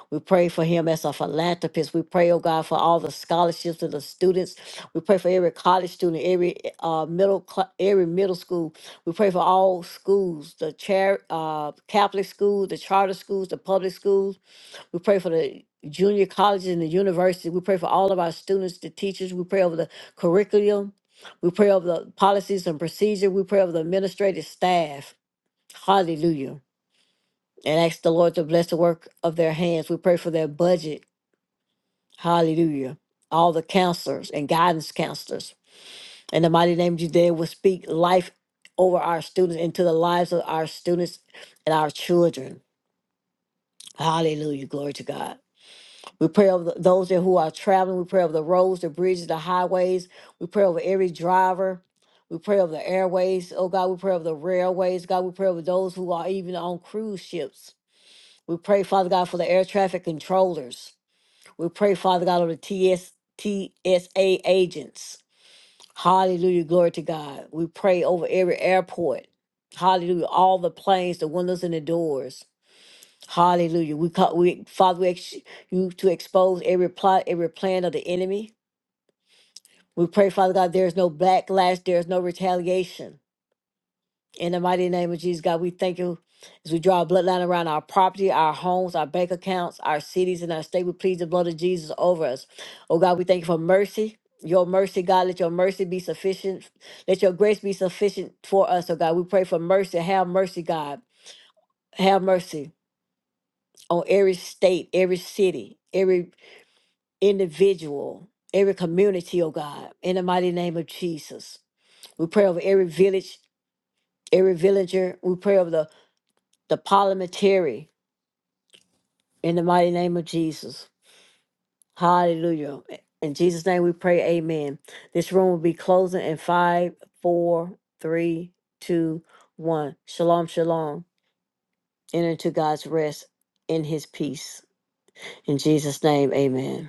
[SPEAKER 3] We pray for him as a philanthropist. We pray, oh God, for all the scholarships to the students. We pray for every college student, every uh, middle, cl- every middle school. We pray for all schools, the chair, uh, Catholic schools, the charter schools, the public schools. We pray for the junior colleges and the universities. We pray for all of our students, the teachers. We pray over the curriculum. We pray over the policies and procedure. We pray over the administrative staff. Hallelujah. And ask the Lord to bless the work of their hands. We pray for their budget. Hallelujah. All the counselors and guidance counselors. In the mighty name of Jesus, they will speak life over our students into the lives of our students and our children. Hallelujah. Glory to God. We pray over th- those that who are traveling. We pray over the roads, the bridges, the highways. We pray over every driver. We pray over the airways. Oh God, we pray over the railways. God, we pray over those who are even on cruise ships. We pray, Father God, for the air traffic controllers. We pray, Father God, over the TS, TSA agents. Hallelujah. Glory to God. We pray over every airport. Hallelujah. All the planes, the windows, and the doors. Hallelujah. We call we Father, we ex- you to expose every plot, every plan of the enemy. We pray, Father God, there is no backlash, there is no retaliation. In the mighty name of Jesus, God, we thank you as we draw a bloodline around our property, our homes, our bank accounts, our cities, and our state. We plead the blood of Jesus over us. Oh God, we thank you for mercy. Your mercy, God, let your mercy be sufficient. Let your grace be sufficient for us, oh God. We pray for mercy. Have mercy, God. Have mercy on every state, every city, every individual, every community, oh God, in the mighty name of Jesus. We pray over every village, every villager. We pray over the, the parliamentary in the mighty name of Jesus. Hallelujah. In Jesus' name we pray, amen. This room will be closing in five, four, three, two, one. Shalom, shalom. Enter into God's rest in his peace. In Jesus' name, amen.